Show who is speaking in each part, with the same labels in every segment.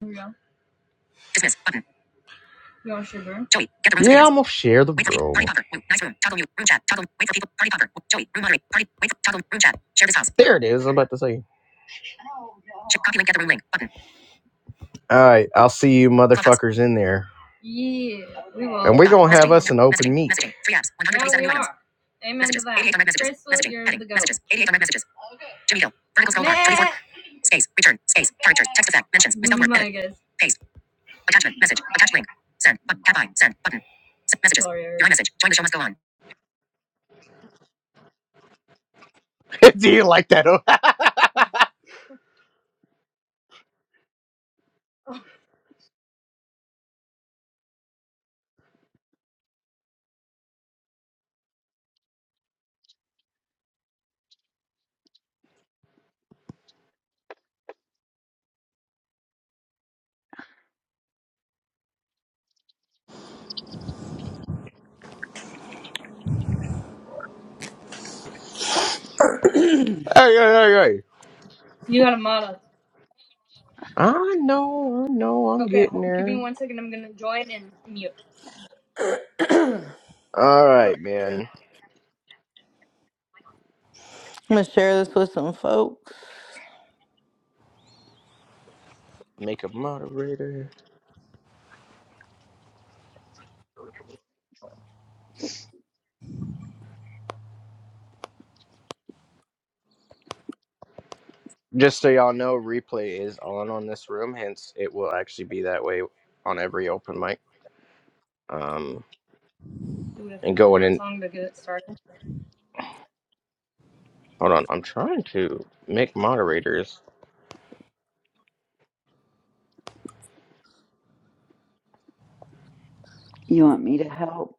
Speaker 1: Yeah. Dismiss button. Y'all sugar. Joey, get the room Yeah, I'm gonna share the Wait Party room. popper. nice room. Toggle mute. Room chat. Toggle. Wait for people. Party popper. Joey, room moderate. Party. Wait. Toggle. Room chat. Share this house. There it is. I'm about to say. copy link. Get the room link. Button. All right, I'll see you motherfuckers in there, Yeah. We will. and we are going gonna have us No. an open Messaging. meet. Messaging. Three apps. Yeah, 137 new items. are. Amen messages. to that. 88 direct messages. Crystal, Messaging. you're Heading. the goat. Messages. 88 direct messages. Jimmy Hill. Vertical scroll bar. 24. Space. Return. Space. Partridge. Text effect. Mentions. Misspelled word. My guess. Attachment. Message. Attached link. Send. But tap I. Send. Button. Send messages. Sorry, Your message. Join the show must go on. Do you like that? oh? hey, hey, hey, hey. You got a model. I know, I know, I'm Okay, getting give me there. one second. I'm gonna join and mute. All right, man.
Speaker 2: I'm gonna share this with some folks.
Speaker 1: Make a moderator. Just so y'all know, replay is on on this room, hence it will actually be that way on every open mic. Um, Do it and going in. song to get it started. Hold on, I'm trying to make moderators.
Speaker 3: You want me to help?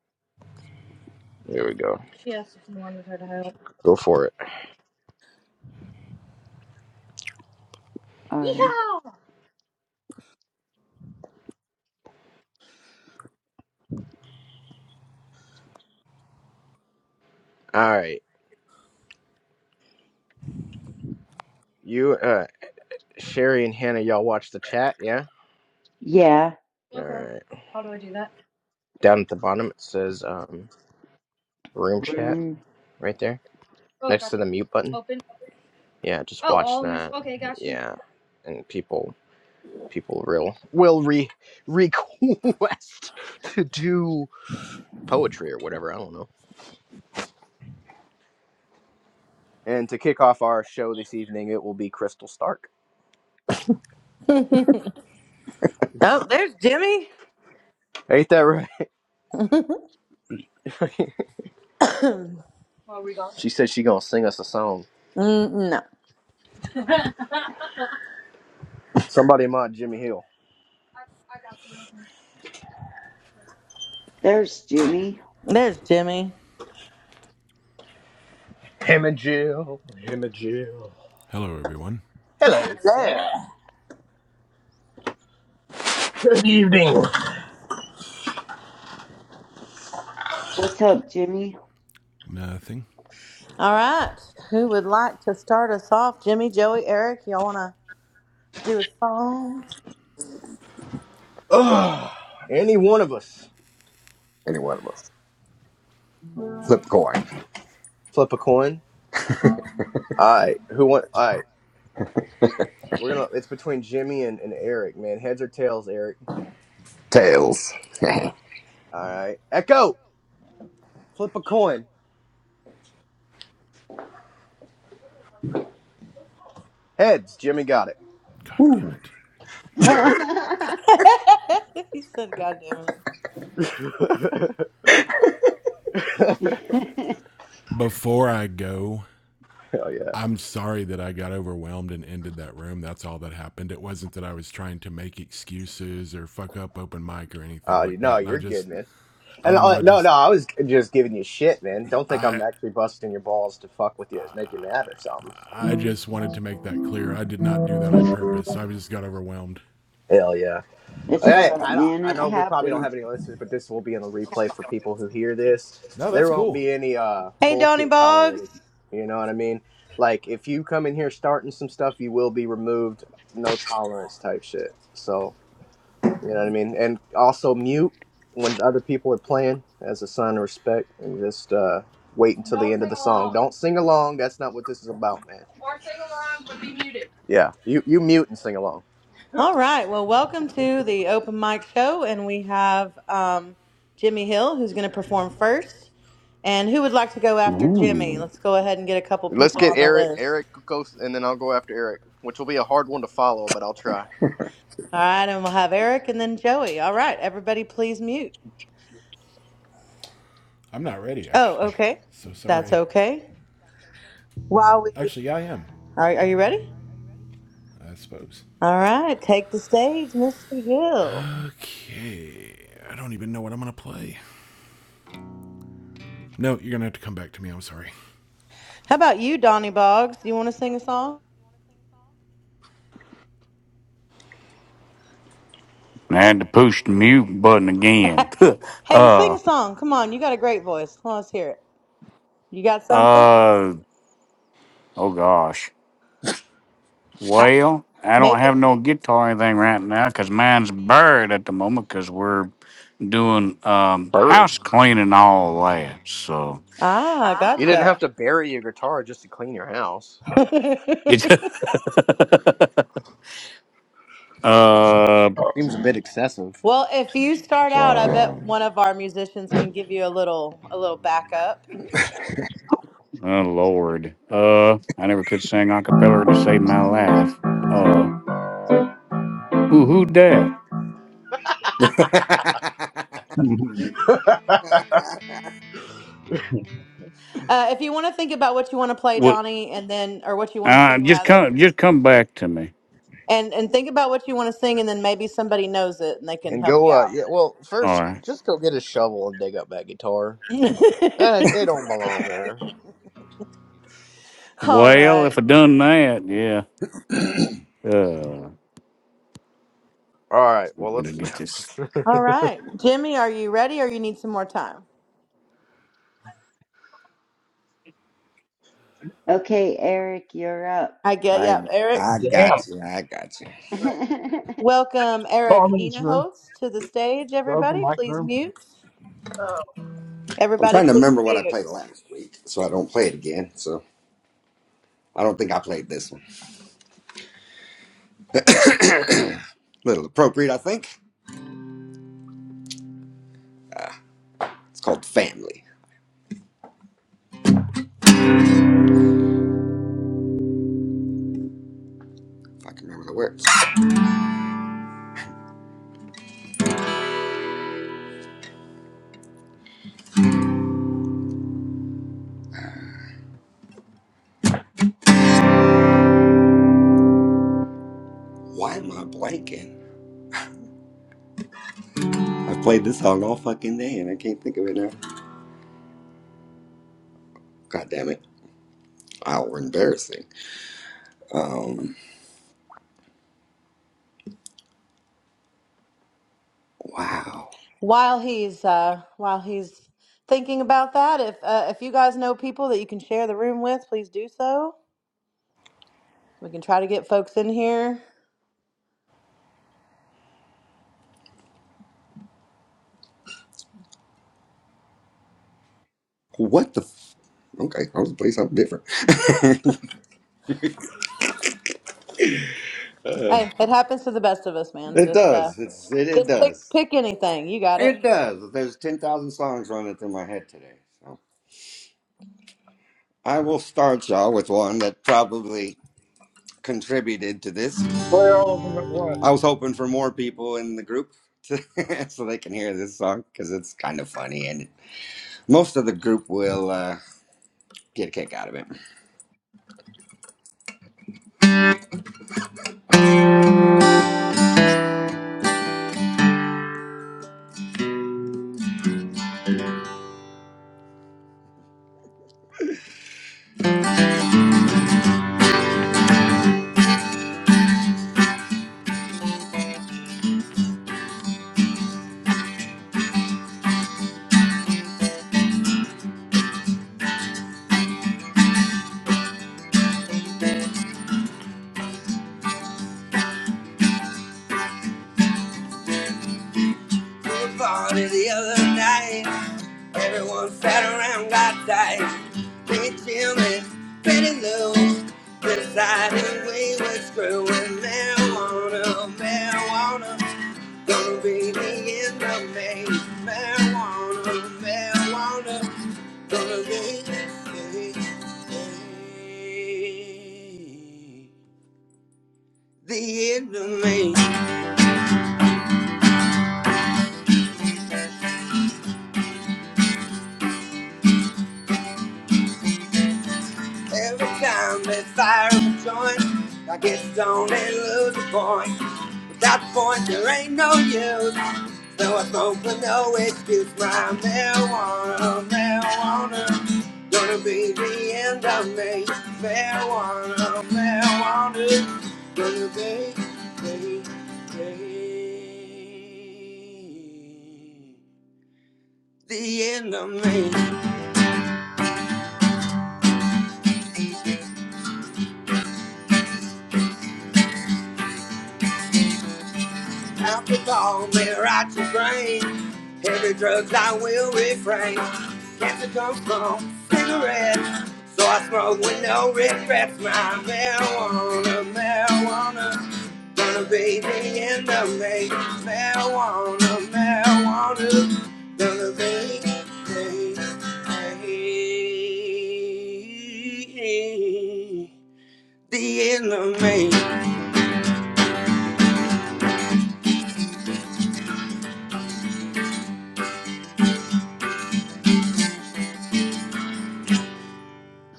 Speaker 1: There we go. She asked if you wanted her to help. Go for it.
Speaker 3: Or,
Speaker 1: Yeehaw! All right. You, uh, Sherry and Hannah, y'all watch the chat, yeah?
Speaker 3: yeah,
Speaker 1: All Okay. right. How do I do that? Down at the bottom, it says um, room chat
Speaker 3: room.
Speaker 1: right there Okay. next to the mute button. Open. Yeah, just Oh, watch all in this. that. Okay, got Yeah, and people people real will re request to do poetry or whatever. I don't know. And to kick off our show this evening, it will be Crystal Stark.
Speaker 2: Oh, there's Jimmy.
Speaker 1: Ain't that right? What we going? She said she gonna sing us a song.
Speaker 2: Mm, no,
Speaker 1: Somebody mod Jimmy Hill. I got you.
Speaker 3: There's Jimmy.
Speaker 2: there's Jimmy.
Speaker 1: Him and Jill. Him and Jill.
Speaker 4: Hello, everyone.
Speaker 1: Hello,
Speaker 2: Hello.
Speaker 1: sir. Good evening.
Speaker 3: What's up, Jimmy?
Speaker 4: Nothing.
Speaker 2: All right, who would like to start us off? Jimmy, Joey, Eric, y'all wanna do a song?
Speaker 1: Ugh, any one of us.
Speaker 5: Any one of us. Flip coin.
Speaker 1: Flip a coin. Alright, who want alright. We're gonna it's between Jimmy and, and Eric, man. Heads or tails, Eric.
Speaker 5: Tails.
Speaker 1: Alright. Echo! Flip a coin. Heads, Jimmy got it.
Speaker 4: God damn
Speaker 5: Woo.
Speaker 4: it.
Speaker 3: it's
Speaker 2: he said, "God damn it."
Speaker 1: Hell
Speaker 4: Before I go,
Speaker 1: yeah.
Speaker 4: I'm sorry that I got overwhelmed and ended that room. That's all that happened. It wasn't that I was trying to make excuses or fuck up open mic or anything
Speaker 1: Uh,
Speaker 4: like
Speaker 1: no,
Speaker 4: that. And I
Speaker 1: you're good,
Speaker 4: just,
Speaker 1: man.
Speaker 4: I
Speaker 1: And
Speaker 4: don't know.
Speaker 1: I,
Speaker 4: I
Speaker 1: no, no,
Speaker 4: just,
Speaker 1: I was just giving you shit, man. Don't think I'm
Speaker 4: I,
Speaker 1: actually busting your balls to fuck with you, make you mad or something.
Speaker 4: I just wanted to make that clear. I did not do that on purpose. I just got overwhelmed.
Speaker 1: Hell yeah. Hey,
Speaker 3: all right,
Speaker 1: I don't.
Speaker 3: man.
Speaker 1: I
Speaker 3: It
Speaker 1: know we probably don't
Speaker 3: happens.
Speaker 1: have any listeners, but this will be in the replay for people who hear this.
Speaker 4: No,
Speaker 1: There
Speaker 4: that's
Speaker 1: won't
Speaker 4: cool.
Speaker 1: be any uh
Speaker 2: Hey, Donnie
Speaker 1: bullshit
Speaker 2: Boggs.
Speaker 1: tolerated. You know what I mean? Like if you come in here starting some stuff, you will be removed. No tolerance type shit. So. You know what I mean? And also mute when other people are playing as a sign of respect and just uh, wait until the end of the song. Don't sing along. That's not what this is about, man. or sing along, but be muted. Yeah, you, you mute and sing along.
Speaker 2: All right. Well, welcome to the open mic show, and we have um, Jimmy Hill, who's going to perform first. And who would like to go after Jimmy?
Speaker 6: Ooh.
Speaker 2: Let's go ahead and get a couple
Speaker 1: Let's
Speaker 2: people
Speaker 1: get
Speaker 2: on the
Speaker 1: Eric.
Speaker 2: list.
Speaker 1: Eric goes, and then I'll go after Eric, which will be a hard one to follow, but I'll try.
Speaker 2: All right, and we'll have Eric and then Joey. All right, everybody, please mute.
Speaker 4: I'm not ready,
Speaker 2: Oh,
Speaker 4: actually.
Speaker 2: okay.
Speaker 4: So
Speaker 2: That's
Speaker 4: sorry.
Speaker 2: okay. While we
Speaker 4: Actually, yeah, I am,
Speaker 2: Are, are you ready?
Speaker 4: I suppose.
Speaker 2: All right, take the stage, Mr. Hill.
Speaker 4: Okay. I don't even know what I'm going to play. No, you're gonna have to come back to me. I'm sorry.
Speaker 2: How about you, Donnie Boggs? Do you want to sing a song?
Speaker 6: I had to push the mute button again.
Speaker 2: hey, sing
Speaker 6: uh,
Speaker 2: a song. Come on, you got a great voice. Let's hear it. You got something?
Speaker 6: uh, oh gosh.
Speaker 2: I,
Speaker 6: Well, I don't have
Speaker 2: Maybe.
Speaker 6: no guitar or anything right now because mine's buried at the moment because we're doing um,
Speaker 1: Buried.
Speaker 6: house cleaning all that. So,
Speaker 2: Ah,
Speaker 1: You didn't have
Speaker 2: gotcha.
Speaker 1: to bury your guitar just to clean your house.
Speaker 6: uh, wow.
Speaker 7: Damn.
Speaker 1: Seems a bit excessive.
Speaker 2: well, if you start out, I bet one of our musicians can give you a little a little backup.
Speaker 6: Oh, Lord. Uh, I never could sing a cappella to save my life. Uh, ooh, who dat?
Speaker 2: Uh, if you want to think about what you want to play,
Speaker 6: What?
Speaker 2: Donnie, and then or what you want to
Speaker 6: Uh,
Speaker 2: sing
Speaker 6: just
Speaker 2: rather,
Speaker 6: come, just come back to me.
Speaker 2: and and think about what you want to sing, and then maybe somebody knows it and they can
Speaker 1: And
Speaker 2: help
Speaker 1: go,
Speaker 2: you
Speaker 1: uh,
Speaker 2: out.
Speaker 1: yeah, well,
Speaker 6: All
Speaker 1: first,
Speaker 6: right.
Speaker 1: just go get a shovel and dig up that guitar. That is, it don't belong there.
Speaker 2: All
Speaker 6: Well, if
Speaker 2: right,
Speaker 6: I done that, yeah. Uh,
Speaker 1: All right. Well,
Speaker 6: I'm gonna
Speaker 1: let's.
Speaker 6: get this.
Speaker 2: all right, Jimmy, are you ready, or you need some more time?
Speaker 3: Okay, Eric, you're up.
Speaker 2: I get
Speaker 5: I
Speaker 2: yeah, Eric.
Speaker 5: I got you. I got you.
Speaker 2: Welcome, Eric
Speaker 7: Harmony's room,
Speaker 2: Enahost, to the stage.
Speaker 7: the open
Speaker 2: Everybody,
Speaker 7: mic
Speaker 2: please
Speaker 7: room.
Speaker 2: mute.
Speaker 5: I'm
Speaker 2: Everybody,
Speaker 5: trying to
Speaker 2: please
Speaker 5: remember what I
Speaker 2: mute.
Speaker 5: played last week, so I don't play it again. So I don't think I played this one. Little appropriate, I think. It's called Family. If I can remember the words. Why am I blanking? I've played this song all fucking day and I can't think of it now. God damn it. Oh, we're embarrassing. Um, wow.
Speaker 2: While he's uh, while he's thinking about that, if uh, if you guys know people that you can share the room with, please do so. We can try to get folks in here.
Speaker 5: What the? F- okay, I'll just play something different.
Speaker 2: Hey, it happens to the best of us, man.
Speaker 5: It
Speaker 2: Just uh
Speaker 5: does. It's it, it
Speaker 2: just pick
Speaker 5: does.
Speaker 2: pick anything. You got it.
Speaker 5: It does. There's ten thousand songs running through my head today. So I will start y'all with one that probably contributed to this.
Speaker 7: Play all of them at once.
Speaker 5: I was hoping for more people in the group to, so they can hear this song because it's kind of funny and most of the group will uh, get a kick out of it. Pool party the other night, everyone sat around got tight. Been chillin', pretty loose, deciding we were screwing marijuana, marijuana. Gonna be the end of May. Marijuana, marijuana. Gonna be the end of May. Every time they fire up a joint, I get stoned and lose a point. Without the point, there ain't no use. No, I smoke with no excuse. My marijuana, marijuana. Gonna be the end of me. Marijuana, marijuana. Gonna be, be, be. The end of me. Alcohol, may rot your brain. Heavy drugs, I will refrain. Cancer comes from cigarettes, so I smoke with no regrets. My marijuana, marijuana, gonna be me in the end of me. Marijuana, marijuana, gonna be the the end of me.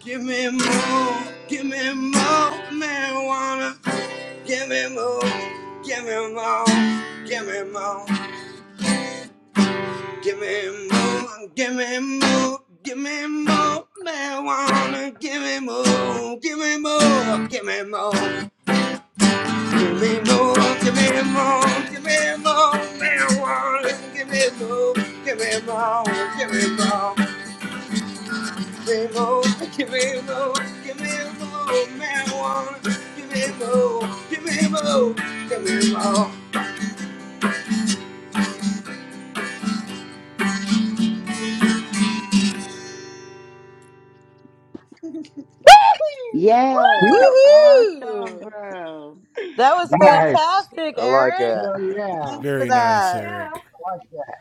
Speaker 5: Give me more, give me more marijuana. Give me more, give me more, give me more, give me more, give me more, give me more marijuana. Give me more, give me more, give me more, give me more, give me more, give me more marijuana. Give me more, give me more, give me more. more, give me more, give me more marijuana. Give me more, give me more, give me more.
Speaker 3: Yay! Awesome,
Speaker 2: Woohoo!
Speaker 3: bro.
Speaker 2: That was
Speaker 7: Nice.
Speaker 2: fantastic,
Speaker 1: I like
Speaker 2: Eric.
Speaker 1: that.
Speaker 7: Oh, yeah. I like
Speaker 2: Thanks for
Speaker 4: Very nice,
Speaker 2: that.
Speaker 4: Eric.
Speaker 7: that.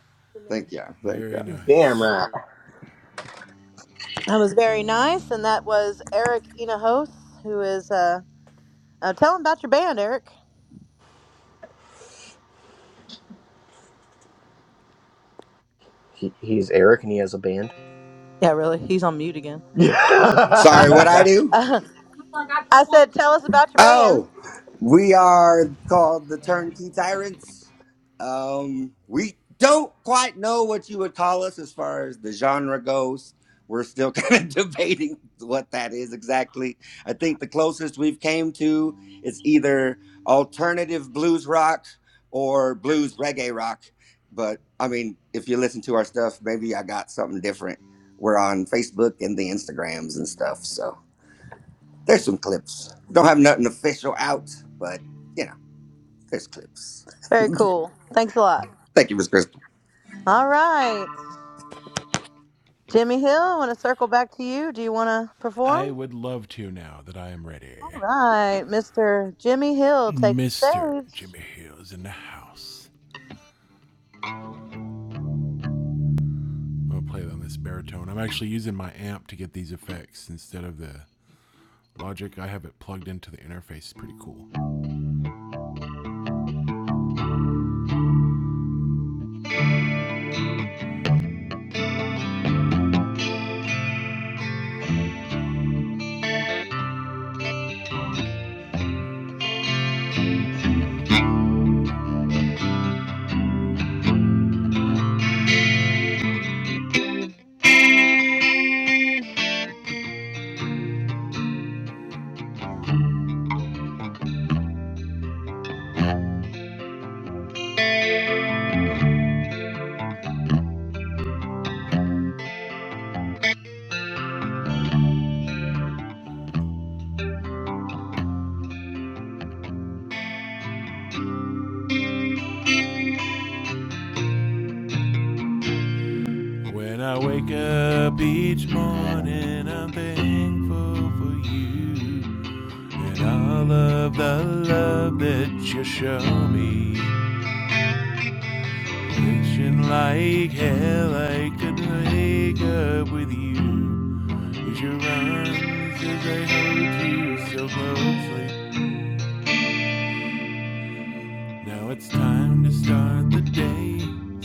Speaker 5: Thank you, thank you.
Speaker 4: Very
Speaker 1: Damn
Speaker 4: nice.
Speaker 1: right.
Speaker 2: That was very nice, and that was Eric Enahos, who is uh, uh tell him about your band, Eric.
Speaker 1: He, he's Eric, and he has a band.
Speaker 2: Yeah, really. He's on mute again.
Speaker 1: Yeah.
Speaker 5: Sorry, what I do?
Speaker 2: Uh,
Speaker 1: Come
Speaker 2: I said, tell us about your band.
Speaker 5: Oh, we are called the Turnkey Tyrants. Um, we don't quite know what you would call us as far as the genre goes. We're still kind of debating what that is exactly. I think the closest we've came to is either alternative blues rock or blues reggae rock. But I mean, if you listen to our stuff, maybe I got something different. We're on Facebook and the Instagrams and stuff. So. There's some clips. Don't have nothing official out, but you know, there's clips.
Speaker 2: Very cool. Thanks a lot.
Speaker 5: Thank you, Miss Crystal.
Speaker 2: All right. Jimmy Hill, I want to circle back to you. Do you want to perform?
Speaker 4: I would love to now that I am ready.
Speaker 2: All right, Mr. Jimmy Hill, take the
Speaker 4: Mr.
Speaker 2: stage.
Speaker 4: Jimmy Hill is in the house. I'm gonna play on this baritone. I'm actually using my amp to get these effects instead of the Logic. I have it plugged into the interface. It's pretty cool. When I wake up each morning, I'm thankful for you and all of the love that you show me. Wishing like hell I could wake up with you. As your arms as I hold you so closely. Now it's time to start the day.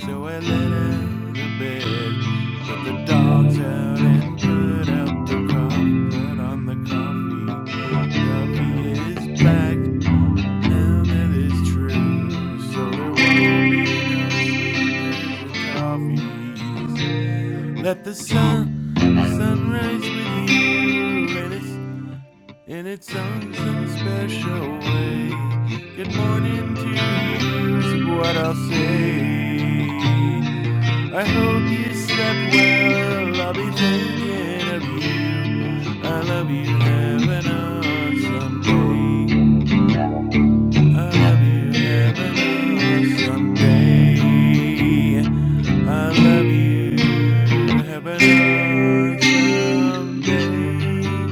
Speaker 4: So I let her to bed. Put the dogs out and put out the coffee. Put on the coffee. Coffee is back. Now that is true. So there will be no sleepless coffees. Let the sun, sunrise with you. And it's in its own special way. Good morning to you is what I'll say. I hope you slept well. I'll be thinking of you. I love you. Have an awesome day. I love you. Have an awesome day. I love you. Have an awesome day.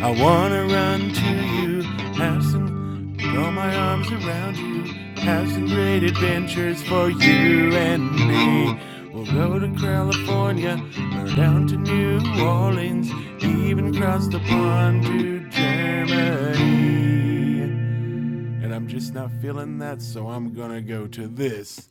Speaker 4: I wanna run to you, have some, throw my arms around you, have some great adventures for you and me. We'll go to California, or down to New Orleans, even cross the pond to Germany. And I'm just not feeling that, so I'm gonna go to this.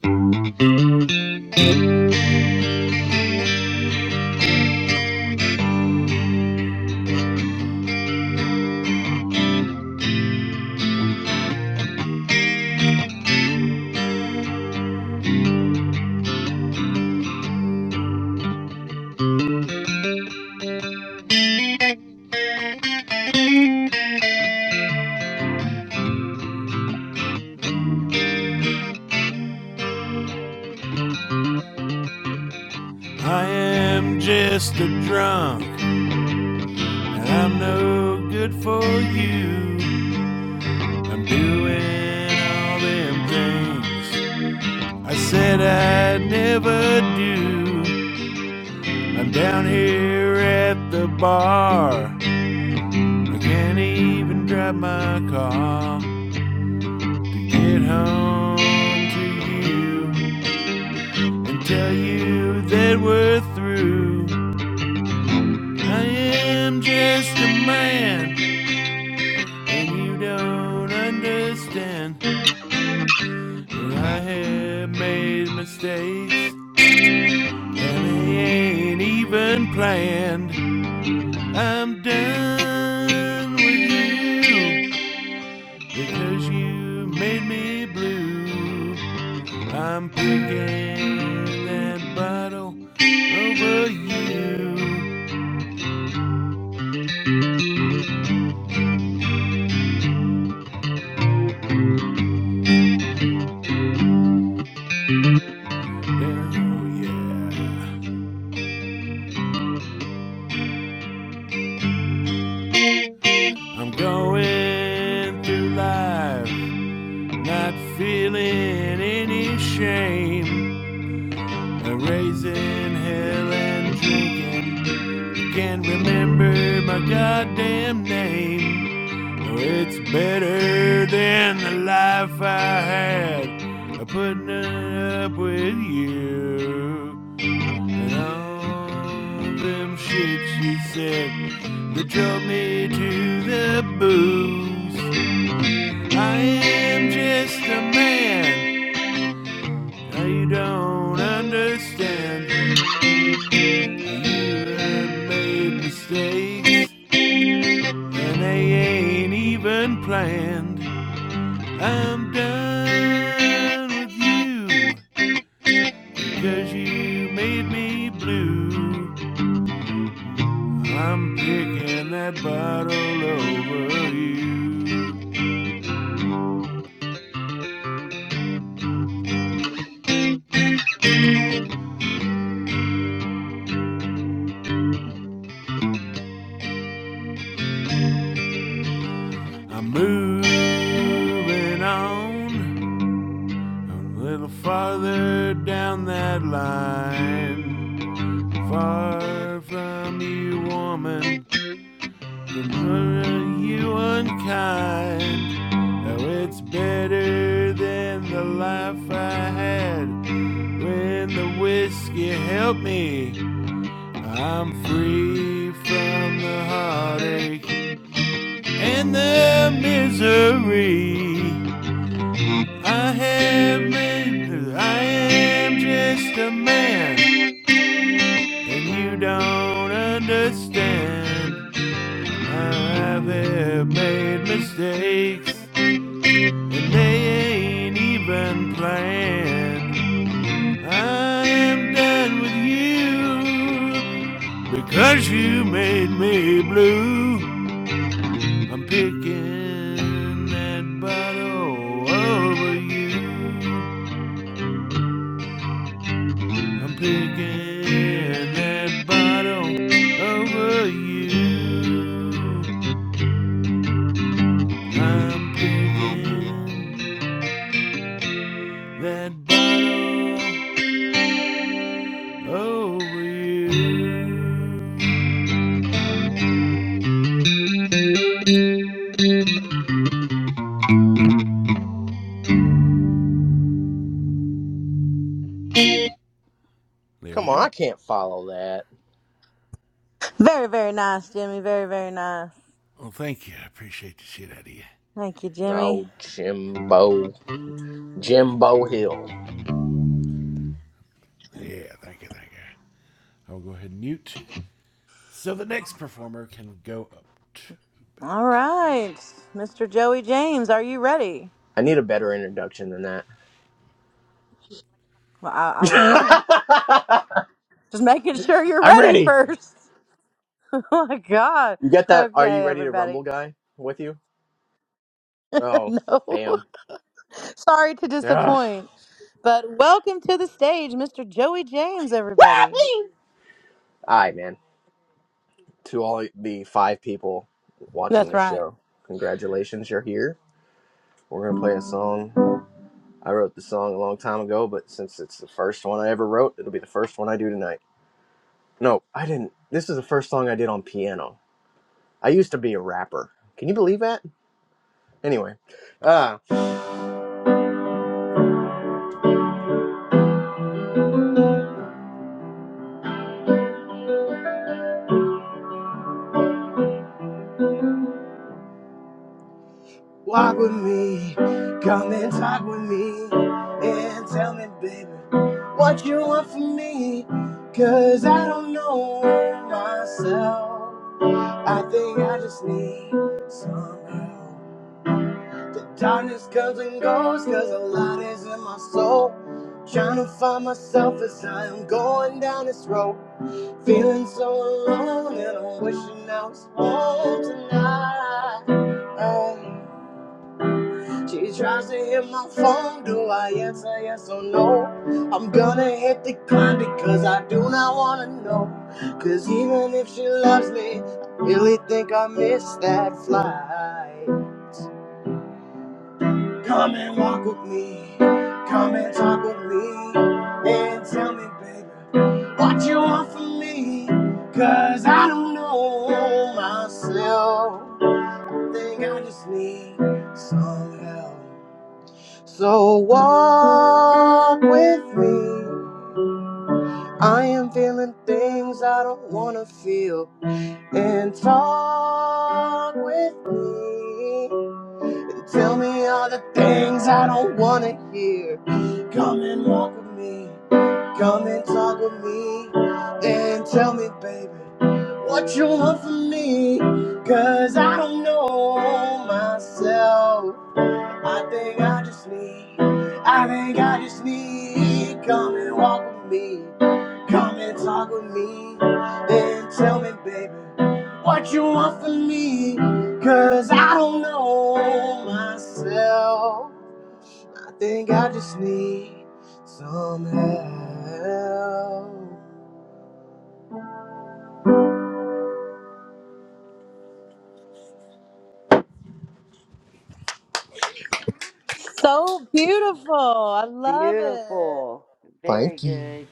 Speaker 4: I am just a drunk, and I'm no good for you. I'm doing all them things I said I'd never do. I'm down here at the bar. I can't even drive my car to get home to you and tell you that we're through. I am just a man, and you don't understand that I have made mistakes. And I ain't even planned. I'm done with you because you made me blue. I'm picking that bottle over you. Oh yeah. I'm going through life not feeling any shame. A raising hell and drinking. Can't remember my goddamn name. Oh, it's better than the life I had. Putting up with you. And all them shit she said that drove me to the booze. I am just a man. Now you don't understand. You have made mistakes, and they ain't even planned. I'm done with you 'cause you made me blue. I'm picking that bottle over you. I'm moving on a little farther down that line. Far from you, woman. Were you unkind? Now it's better than the life I had. When the whiskey helped me, I'm free from the heartache and the misery. I have made, I am just a man, and you don't understand. I've made mistakes. And they ain't even playing. I am done with you because you made me blue. I'm picking that bottle over you. I'm picking that bottle over you. I'm picking that bottle over you. There we
Speaker 1: on, I
Speaker 4: go.
Speaker 1: can't follow that.
Speaker 2: Very, very nice, Jimmy. Very, very nice.
Speaker 4: Well, thank you. I appreciate the shit out of you.
Speaker 2: Thank you, Jimmy.
Speaker 1: Oh, Jimbo, Jimbo Hill.
Speaker 4: Yeah, thank you, thank you. I will go ahead and mute. So the next performer can go up to
Speaker 2: All
Speaker 4: bat.
Speaker 2: right, Mr. Joey James, are you ready?
Speaker 1: I need a better introduction than that.
Speaker 2: Well, I, I was gonna. Just making sure you're
Speaker 1: I'm
Speaker 2: ready
Speaker 1: ready.
Speaker 2: first. Oh my God.
Speaker 1: You get that? Are you
Speaker 2: Okay,
Speaker 1: ready to
Speaker 2: everybody.
Speaker 1: rumble, guy? With you? Oh,
Speaker 2: no.
Speaker 1: damn.
Speaker 2: Sorry to
Speaker 1: Yeah.
Speaker 2: disappoint, but welcome to the stage, Mr. Joey James,
Speaker 1: All
Speaker 2: everybody.
Speaker 1: right, man. to all the five people watching
Speaker 2: That's
Speaker 1: this
Speaker 2: right.
Speaker 1: show. Congratulations, you're here. We're gonna play a song. I wrote the song a long time ago, but since it's the first one I ever wrote, it'll be the first one I do tonight. No, I didn't. This is the first song I did on piano. I used to be a rapper. Can you believe that? Anyway, uh, walk with me, come and talk with me, and tell me, baby, what you want from me, cause I don't know myself. I think I just need some help. The darkness comes and goes, cause a lot is in my soul. Trying to find myself as I am going down this road. Feeling so alone, and I'm wishing I was home tonight. Oh. She tries to hit my phone, do I answer yes or no? I'm gonna hit decline because I do not wanna know. Cause even if she loves me, I really think I missed that flight. Come and walk with me, come and talk with me, and tell me, baby, what you want from me. Cause I don't know myself, think I just need some help. So walk with me. I am feeling things I don't wanna feel. And talk with me. And tell me all the things I don't wanna hear. Come and walk with me. Come and talk with me. And tell me, baby, what you want from me. Cause I don't know myself. I think I just need, I think I just need, come and walk with me, come and talk with me, and tell me, baby, what you want from me, cause I don't know myself. I think I just need some help.
Speaker 2: So beautiful. I love it.
Speaker 3: Beautiful. Very
Speaker 1: Thank you.
Speaker 3: good.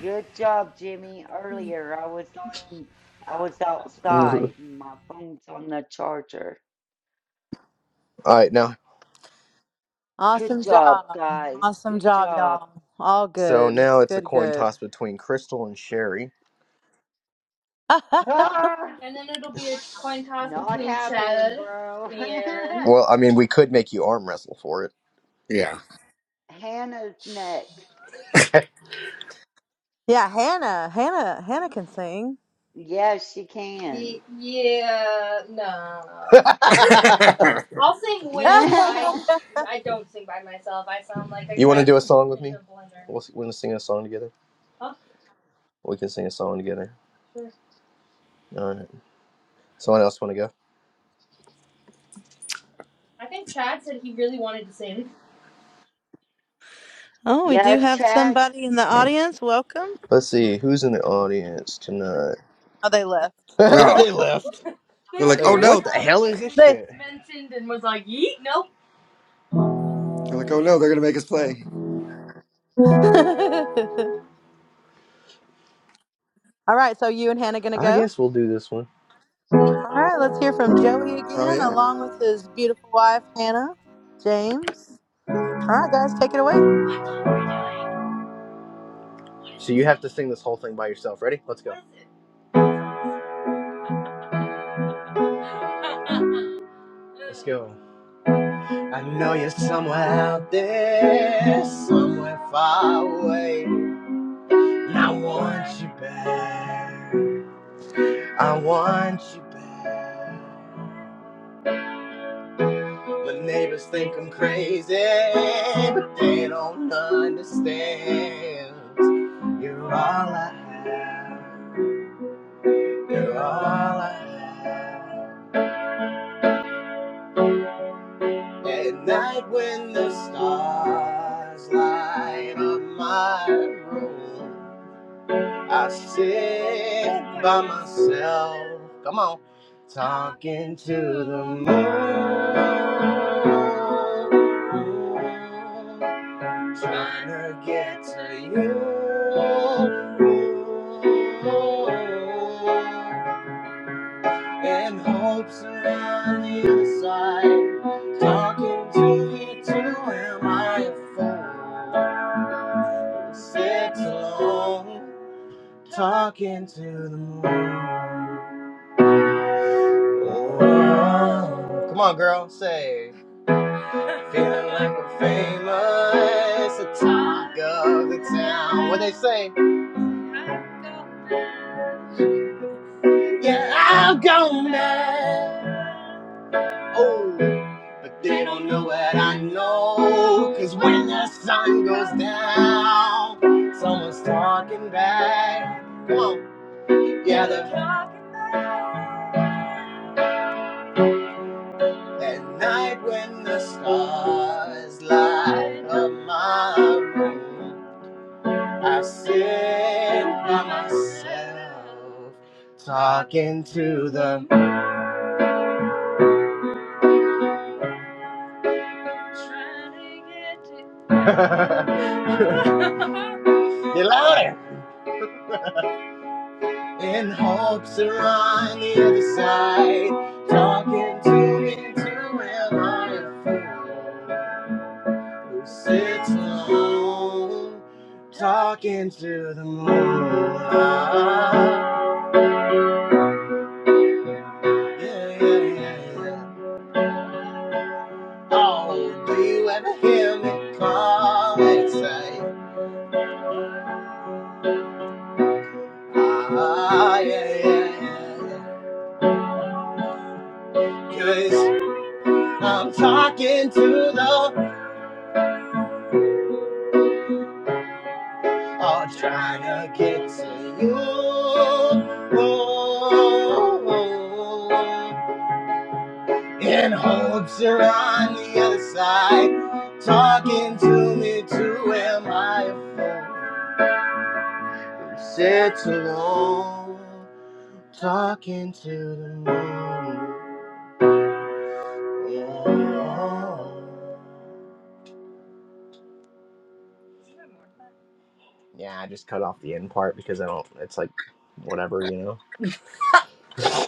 Speaker 3: Good job, Jimmy. Earlier, I was on, I was outside. My phone's on the charger.
Speaker 1: All right, now,
Speaker 3: Good
Speaker 2: Awesome
Speaker 3: job,
Speaker 2: job.
Speaker 3: guys.
Speaker 2: Awesome
Speaker 3: Good
Speaker 2: job,
Speaker 3: job.
Speaker 2: y'all. All
Speaker 1: so
Speaker 2: good.
Speaker 1: now it's a
Speaker 2: Good,
Speaker 1: coin
Speaker 2: good.
Speaker 1: toss between Crystal and Sherry.
Speaker 3: Ah,
Speaker 1: And then it'll be a coin toss
Speaker 3: not
Speaker 1: between
Speaker 3: happening,
Speaker 1: Chad
Speaker 3: bro.
Speaker 1: and Well, I mean, we could make you arm wrestle for
Speaker 5: Yeah.
Speaker 3: Hannah's next.
Speaker 1: it.
Speaker 2: yeah, Hannah. Hannah. Hannah can sing.
Speaker 3: Yes, she can.
Speaker 1: Ye- yeah, no.
Speaker 5: oh,
Speaker 1: I'll sing with. I
Speaker 3: yeah,
Speaker 1: I don't sing by myself. I sound like a You want to do a captain song with in me? the blender. We'll, we're gonna sing a song together. Huh? We can sing a song together. Sure. All right. Someone else want to go? I think Chad said he really wanted to sing.
Speaker 2: oh, we do have
Speaker 3: Chad.
Speaker 2: somebody in the audience. Welcome.
Speaker 1: Let's see who's in the audience tonight.
Speaker 2: Oh, they left.
Speaker 5: no.
Speaker 1: they left. They
Speaker 5: They're
Speaker 1: were
Speaker 5: like,
Speaker 1: Hey,
Speaker 5: oh
Speaker 1: hearing what
Speaker 5: no.
Speaker 1: the hell is this
Speaker 2: they.
Speaker 1: shit? mentioned and was like, yeet, nope.
Speaker 5: They're like, oh no, they're gonna make us play.
Speaker 2: All right, so you and Hannah gonna
Speaker 1: I
Speaker 2: go?
Speaker 1: guess we'll do this one.
Speaker 2: All right, let's hear from Joey
Speaker 5: Oh
Speaker 2: again,
Speaker 5: yeah.
Speaker 2: along with his beautiful wife Hannah, James. All right, guys, take it away.
Speaker 1: So you have to sing this whole thing by yourself. Ready? Let's go. Let's go. I know you're somewhere out there, somewhere far away. And I want you back. I want you back. My neighbors think I'm crazy, but they don't understand. You're all I have. You're all I have. At night when the stars light up my room, I sit by myself. Come on. Talking to the moon. trying to get to you in hopes of running aside talking to you too am i a fool sit alone talking to the moon Oh, come on girl say Feeling like I'm famous, the talk of the town. What they say? Yeah, I'll go mad. Oh, but they don't know what I know. Cause when the sun goes down, someone's talking back. Come on. Yeah, they're talking back. At night when the stars light up my room, I sit by myself, talking to the. Get louder! In hopes of on the other side, talking to me to am I a fool? who sits alone talking to the moonlight. Yeah, yeah, yeah, yeah. Oh, do you ever hear me call and say, ah, yeah, yeah, yeah, yeah. Cause I'm talking to the, or trying to get to you. Oh, oh, oh, oh. and hopes are on the other side. Talking to me too, am I a fool? Sits alone, talking to the moon. Yeah.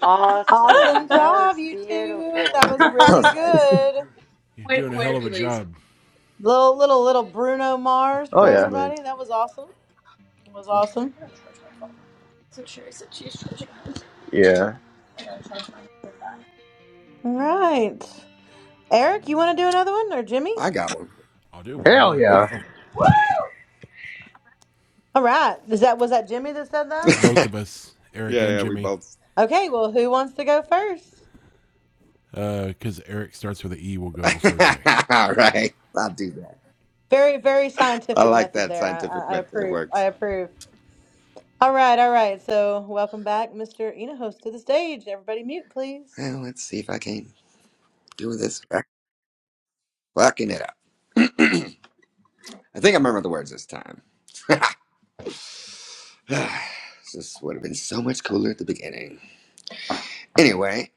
Speaker 3: Awesome.
Speaker 2: Awesome
Speaker 3: That
Speaker 2: job,
Speaker 3: was
Speaker 2: you two. That
Speaker 3: beautiful.
Speaker 2: was
Speaker 5: That
Speaker 2: really
Speaker 5: was nice.
Speaker 2: good.
Speaker 4: You're
Speaker 1: Way,
Speaker 4: doing a
Speaker 1: way
Speaker 4: hell
Speaker 1: to
Speaker 4: of
Speaker 1: be
Speaker 4: a
Speaker 1: lazy.
Speaker 4: job.
Speaker 2: Little little little Bruno Mars
Speaker 1: Oh
Speaker 2: for
Speaker 5: That was
Speaker 1: yeah.
Speaker 5: nice.
Speaker 2: everybody. That was awesome. That was awesome.
Speaker 1: So sure, so she's treasure. Yeah.
Speaker 2: All right. Eric, you want to do another one or Jimmy?
Speaker 5: I got one.
Speaker 4: I'll do one
Speaker 1: Hell
Speaker 4: more.
Speaker 5: Whoop.
Speaker 1: yeah.
Speaker 4: Oh,
Speaker 2: All right. Is that was that Jimmy that said that?
Speaker 4: both
Speaker 5: yeah,
Speaker 4: of us, Eric and
Speaker 5: yeah, we
Speaker 4: Jimmy.
Speaker 5: both.
Speaker 2: Okay, well, who wants to go first?
Speaker 4: Uh, because Eric starts with an E, will go before J.
Speaker 5: All right. I'll do that.
Speaker 2: Very, very
Speaker 5: I
Speaker 2: scientific
Speaker 5: like
Speaker 2: method
Speaker 5: that
Speaker 2: there. I,
Speaker 5: scientific
Speaker 2: I I
Speaker 5: method. It
Speaker 2: approve. I
Speaker 5: works.
Speaker 2: approve. All right, all right. So, welcome back, Mr. Enahos, to the stage. Everybody mute, please.
Speaker 5: Well, let's see if I can do this. Fucking it up. I think I remember the words this time. this would have been so much cooler at the beginning. Anyway,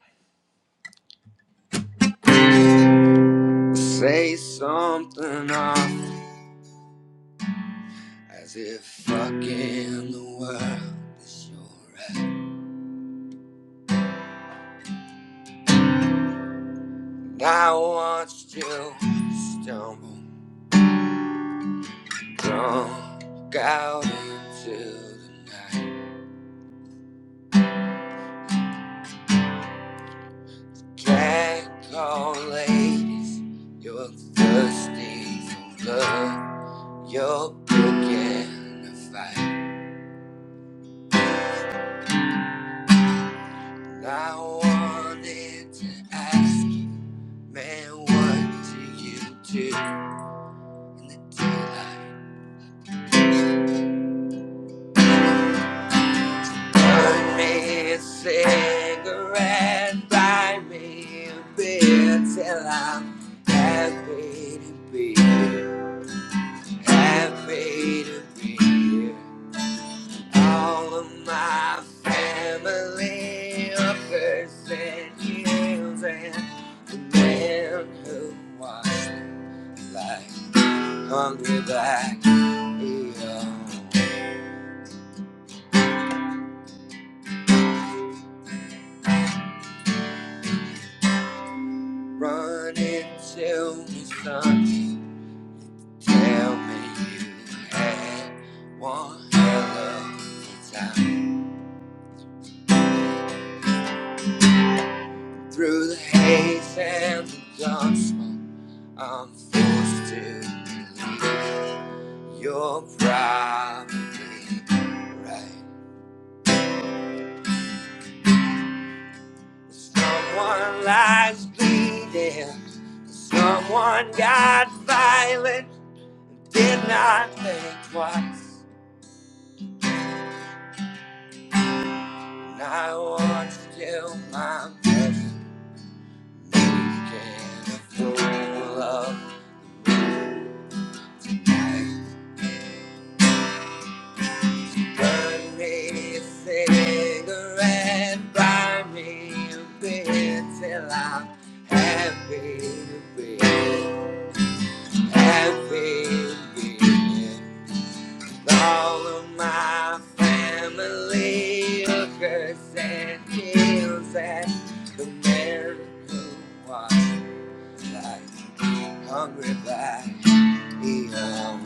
Speaker 5: say something off as if fucking the world is your end. I watched you stumble drunk out into the night. Can't call ladies, you're thirsty for blood. You're picking a fight. I wanted to ask you, man, what do you do in the daylight? Burn me a cigarette, buy me a beer till I'm happy to be here, happy to be here. All of my family offers and years and the man who was like. hungry back here. Run and me son. Tell me you had one hell of a time. Through the haze and the dark smoke, I'm forced to believe you're probably right. Someone lies bleeding. Someone got violent. Did not think twice, and I want to still my best. Making a fool of me. Burn me a cigarette, buy me a beer till I'm happy to be, happy to be. All of my family are cursed and kills at the man who wants to Hungry by evil.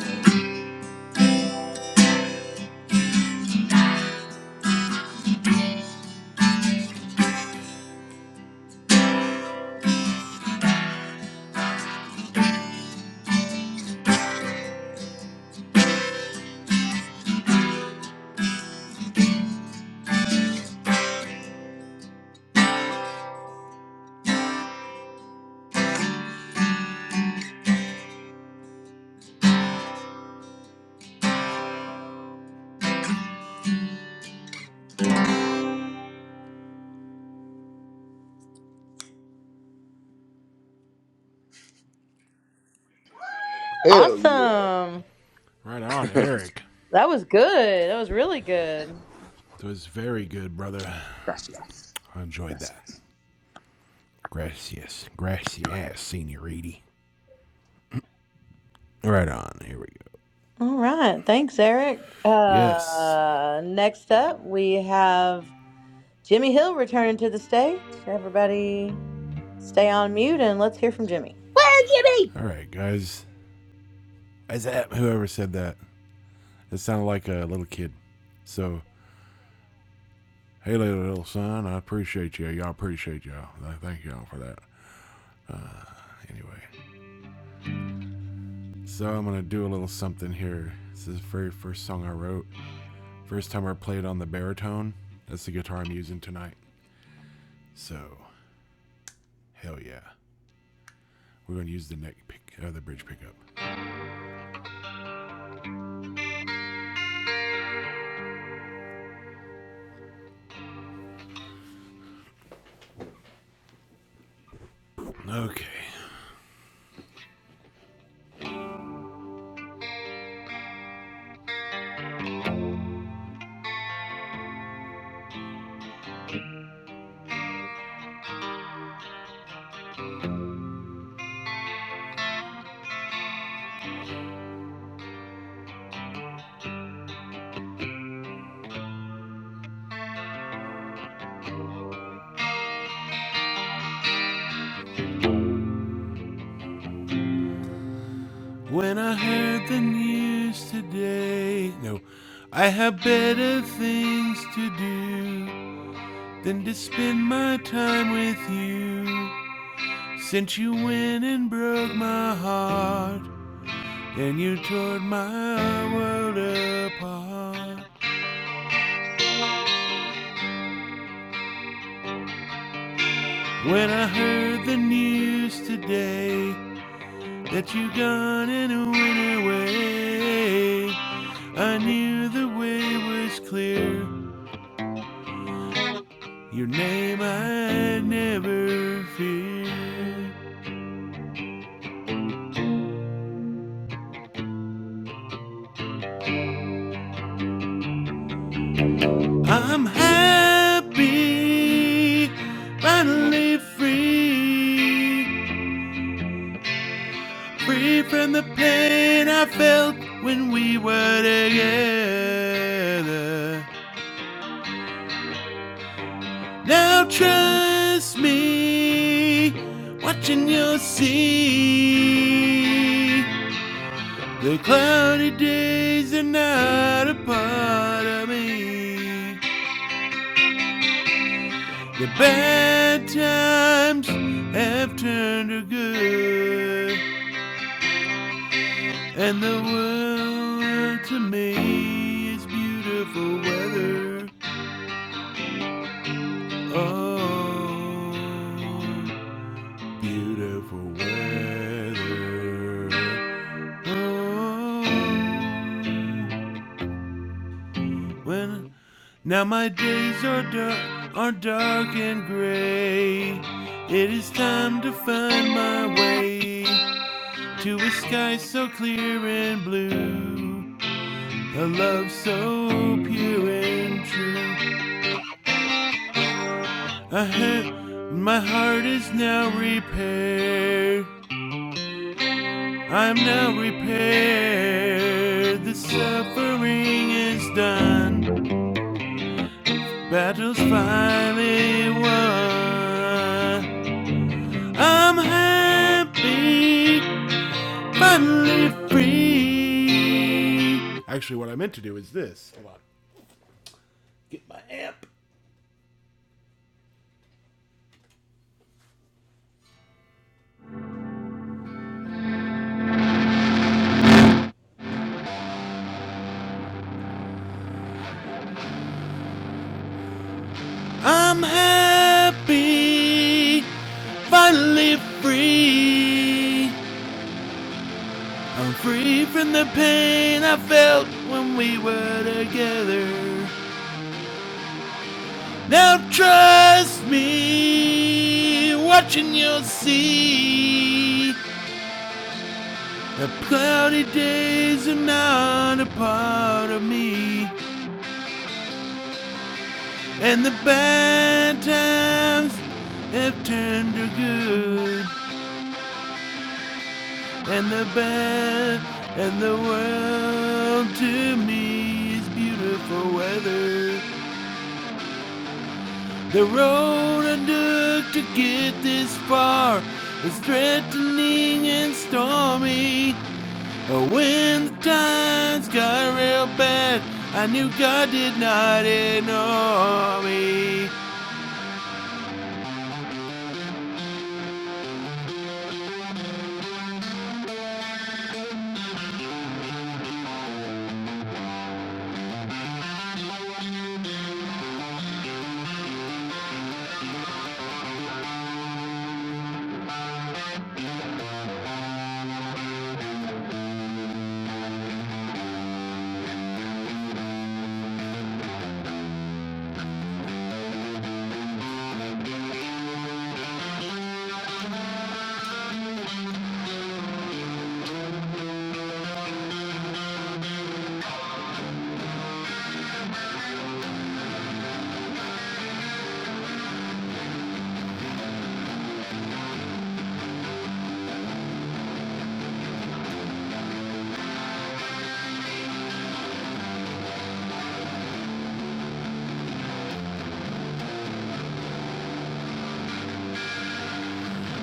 Speaker 1: Hell yeah.
Speaker 2: Awesome.
Speaker 4: Right on, Eric.
Speaker 2: That was good. That was really good.
Speaker 4: That was very good, brother.
Speaker 5: Gracias.
Speaker 4: I enjoyed that.
Speaker 5: Gracias.
Speaker 4: Gracias. Gracias, senoriti. Right on. Here we go.
Speaker 2: All right. Thanks, Eric.
Speaker 4: Yes.
Speaker 2: Uh, next up, we have Jimmy Hill returning to the stage. Everybody stay on mute and let's hear from Jimmy.
Speaker 1: Where, Jimmy.
Speaker 4: All right, guys. Is that whoever said that? It sounded like a little kid. So, hey, little, son, I appreciate you. Y'all appreciate y'all. I Thank y'all for that. Anyway, so I'm gonna do a little something here. This is the very first song I wrote. First time I played on the baritone. That's the guitar I'm using tonight. So, hell yeah. We're gonna use the neck pick, uh, the bridge pickup. Okay. When I heard the news today, no, I have better things to do. than to spend my time with you. Since you went and broke my heart, and you tore my world apart. When I heard the news today that you gone and went away, I knew the way was clear. Your name I never feared. I'm happy, finally free, free from the pain I felt when we were together. Now trust me, watching you'll see the cloudy days are not a part of me. The bad times have turned to good, and the world to me is beautiful weather. Oh, beautiful weather. Oh, when now my days are dark, are dark and gray. It is time to find my way. to a sky so clear and blue, a love so pure and true. I hurt, my heart is now repaired. I'm now repaired. The suffering is done, battle's finally won. I'm happy, finally free. Actually, what I meant to do is this. Hold on. I'm happy, finally free. I'm free from the pain I felt when we were together. Now trust me, watching you'll see. The cloudy days are not a part of me, and the bad times have turned to good. and the bad and the world to me is beautiful weather. The road I took to get this far is threatening and stormy. But when the times got real bad, I knew God did not ignore me.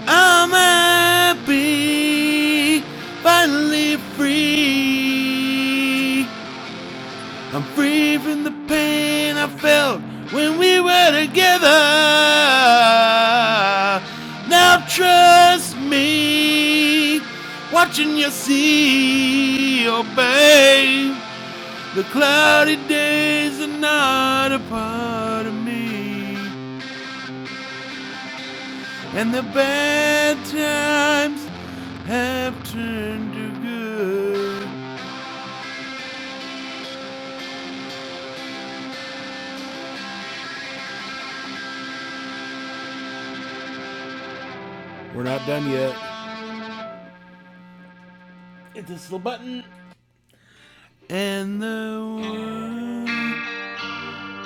Speaker 4: I'm happy, finally free. I'm free from the pain I felt when we were together. Now trust me, watching you see, oh babe. The cloudy days are not a part of me, and the bad times have turned to good. We're not done yet. Hit this little button. And the world.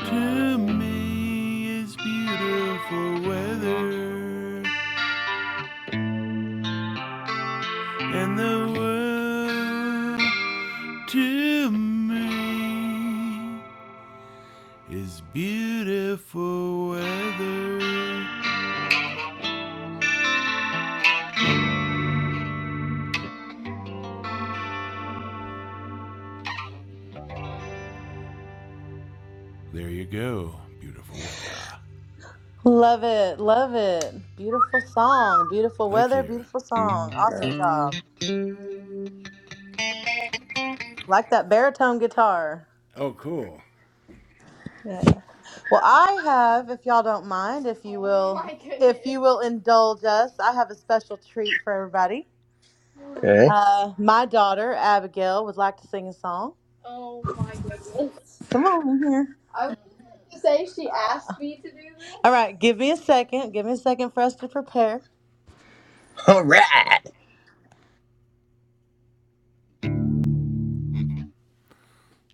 Speaker 4: To me, it's beautiful weather, and the world to me is beautiful weather. There you go, beautiful weather.
Speaker 2: Love it. Love it. Beautiful song. Beautiful
Speaker 4: Thank
Speaker 2: weather.
Speaker 4: you.
Speaker 2: Beautiful song. Awesome
Speaker 5: Yeah.
Speaker 2: job. Like that baritone guitar.
Speaker 4: Oh, cool.
Speaker 2: Yeah. Well, I have, if y'all don't mind, if you will, My goodness. if you will indulge us, I have a special treat for everybody.
Speaker 1: Okay.
Speaker 2: Uh, my daughter Abigail would like to sing a song. Oh my goodness! Come on in here. I was going to say she asked me to do this. All right, give me a second. Give me a second for us to prepare.
Speaker 1: All right.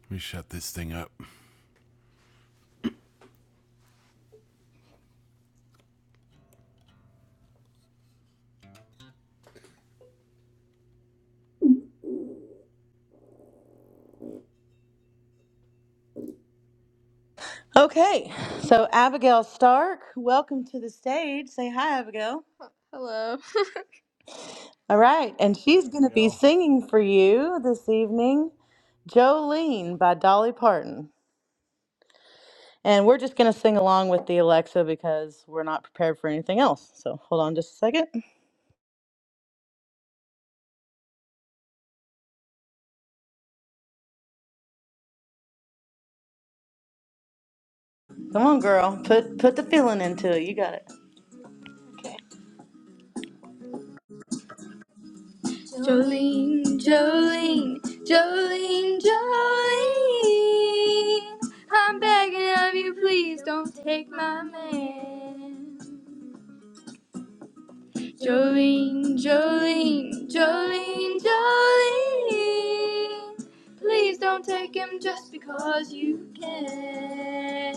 Speaker 4: Let me shut this thing up.
Speaker 2: Okay, so Abigail Stark, welcome to the stage. Say hi, Abigail. Hello. All right, and
Speaker 4: Hi,
Speaker 2: she's going to be
Speaker 4: Abigail.
Speaker 2: singing for you this evening, Jolene by Dolly Parton. And we're just going to sing along with the Alexa because we're not prepared for anything else. So hold on just a second. Come on, girl. Put put the feeling into it. You got it. Jolene, Jolene, Jolene, Jolene. I'm begging of you, please don't take my man. Jolene, Jolene, Jolene, Jolene. Please don't take him just because you can.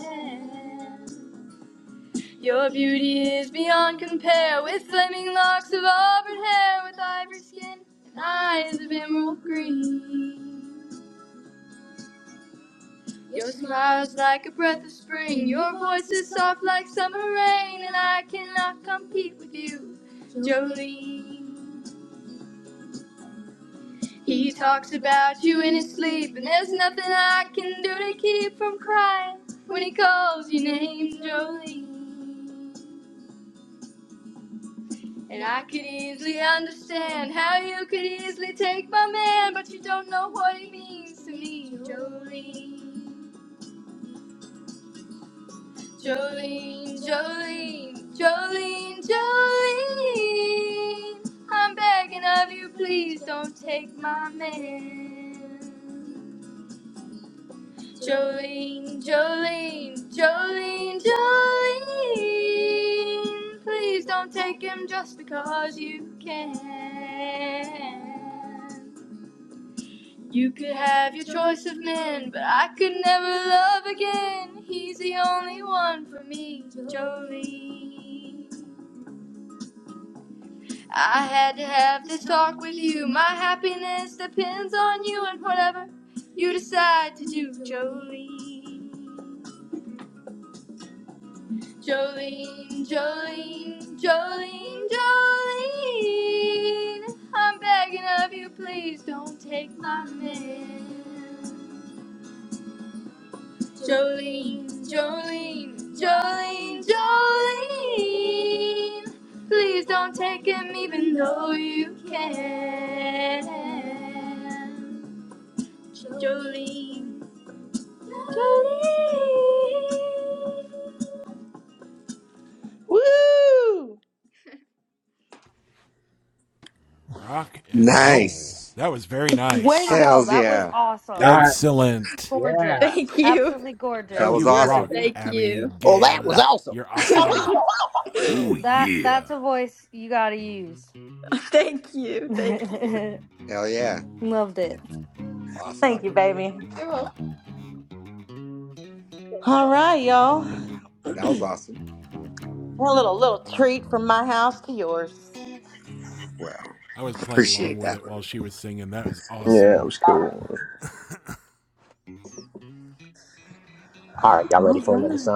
Speaker 2: Your beauty is beyond compare with flaming locks of auburn hair, with ivory skin and eyes of emerald green. Your smile's like a breath of spring, your voice is soft like summer rain, and I cannot compete with you, Jolene. He talks about you in his sleep, and there's nothing I can do to keep from crying when he calls your name, Jolene. And I could easily understand how you could easily take my man, but you don't know what he means to me, Jolene. Jolene, Jolene, Jolene, Jolene. I'm begging of you, please don't take my man. Jolene, Jolene, Jolene, Jolene. Please don't take him just because you can. You could have your choice of men, but I could never love again. He's the only one for me, Jolene. I had to have this talk with you. My happiness depends on you and whatever you decide to do, Jolene. Jolene, Jolene, Jolene, Jolene. I'm begging of you, please don't take my man. Jolene, Jolene, Jolene, Jolene. Please don't take him even though you can. Jolene, Jolene. Woo!
Speaker 4: Rock and roll.
Speaker 5: Nice.
Speaker 4: That was very
Speaker 8: Way to
Speaker 4: nice.
Speaker 8: go.
Speaker 5: Hells
Speaker 8: That was
Speaker 5: yeah.
Speaker 8: awesome.
Speaker 7: Nice.
Speaker 4: Excellent.
Speaker 8: Gorgeous.
Speaker 7: Yeah.
Speaker 2: Thank you.
Speaker 8: Absolutely
Speaker 7: That
Speaker 5: That
Speaker 7: was
Speaker 5: was
Speaker 4: You
Speaker 8: gorgeous.
Speaker 7: good,
Speaker 5: awesome.
Speaker 4: rock,
Speaker 7: Abby.
Speaker 2: Thank you.
Speaker 1: Well, that was
Speaker 4: Abigail.
Speaker 1: awesome.
Speaker 4: You're
Speaker 2: thank
Speaker 4: awesome. Oh
Speaker 8: That
Speaker 4: yeah.
Speaker 8: that's a voice you got to use.
Speaker 2: you. Thank you.
Speaker 5: Hell yeah.
Speaker 8: Loved it.
Speaker 5: Awesome.
Speaker 2: Thank you, baby. You're welcome. All right, y'all.
Speaker 5: That was awesome.
Speaker 2: A little little treat from my house to yours.
Speaker 5: Well,
Speaker 4: I was playing along
Speaker 5: appreciate
Speaker 4: with
Speaker 5: that
Speaker 4: it
Speaker 5: one.
Speaker 4: while she was singing. That was awesome.
Speaker 1: It was
Speaker 2: All right.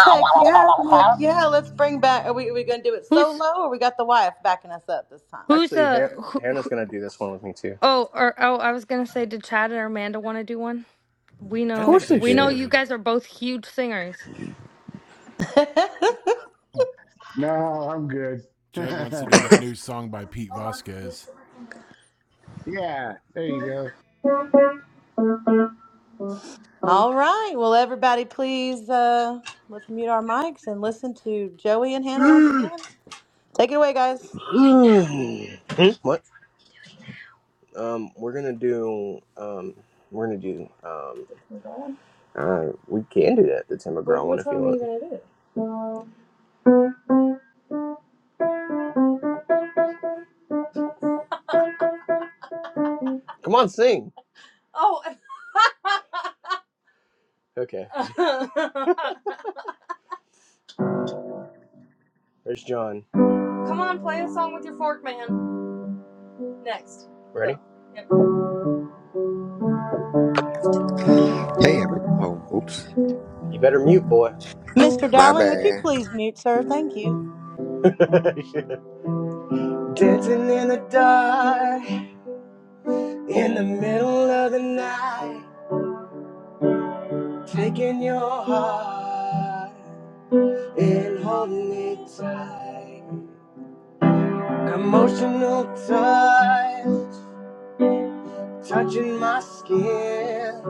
Speaker 2: Heck yeah, heck yeah. Let's bring back. Are we, are we going to do it
Speaker 8: Who's
Speaker 2: solo, or we got the wife backing us up this time?
Speaker 8: who's uh who, who, oh or oh I was going to say did Chad and Amanda want to do one? We
Speaker 4: I think
Speaker 8: know
Speaker 4: they
Speaker 8: we know you
Speaker 4: should.
Speaker 8: guys are both huge singers.
Speaker 7: No, I'm good.
Speaker 4: Chad wants to do that new song by Pete Vasquez.
Speaker 7: yeah, there you go.
Speaker 2: All right. Well, everybody, please uh, let's mute our mics and listen to Joey and Hannah once
Speaker 1: cool.
Speaker 2: again. Take it away, guys.
Speaker 1: what? Um, we're gonna do um, we're gonna do um, uh, we can do that. The Tim McGraw Wh- one, if you want. Which one are you gonna do? Come on, sing. Oh. okay. There's John. Come on, play a song with your fork, man. Next. Ready? Yep.
Speaker 9: Hey, every oh, oops,
Speaker 2: Mr.
Speaker 9: my
Speaker 2: Dowling, would you
Speaker 9: bad.
Speaker 2: please mute, sir? Thank you.
Speaker 1: Dancing in the dark, in the middle of the night, taking your heart and holding it tight. Emotional touch, touching my skin,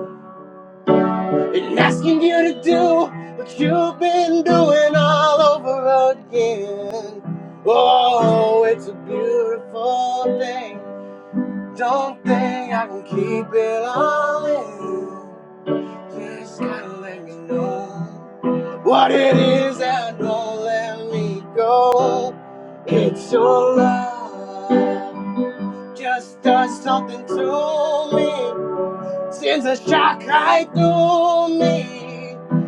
Speaker 1: and asking you to do what you've been doing all over again. Oh, it's a beautiful thing. Don't think I can keep it all in. Just gotta let me know what it is that won't let me go. It's your love. Just does something to me. Sends a shock right through me.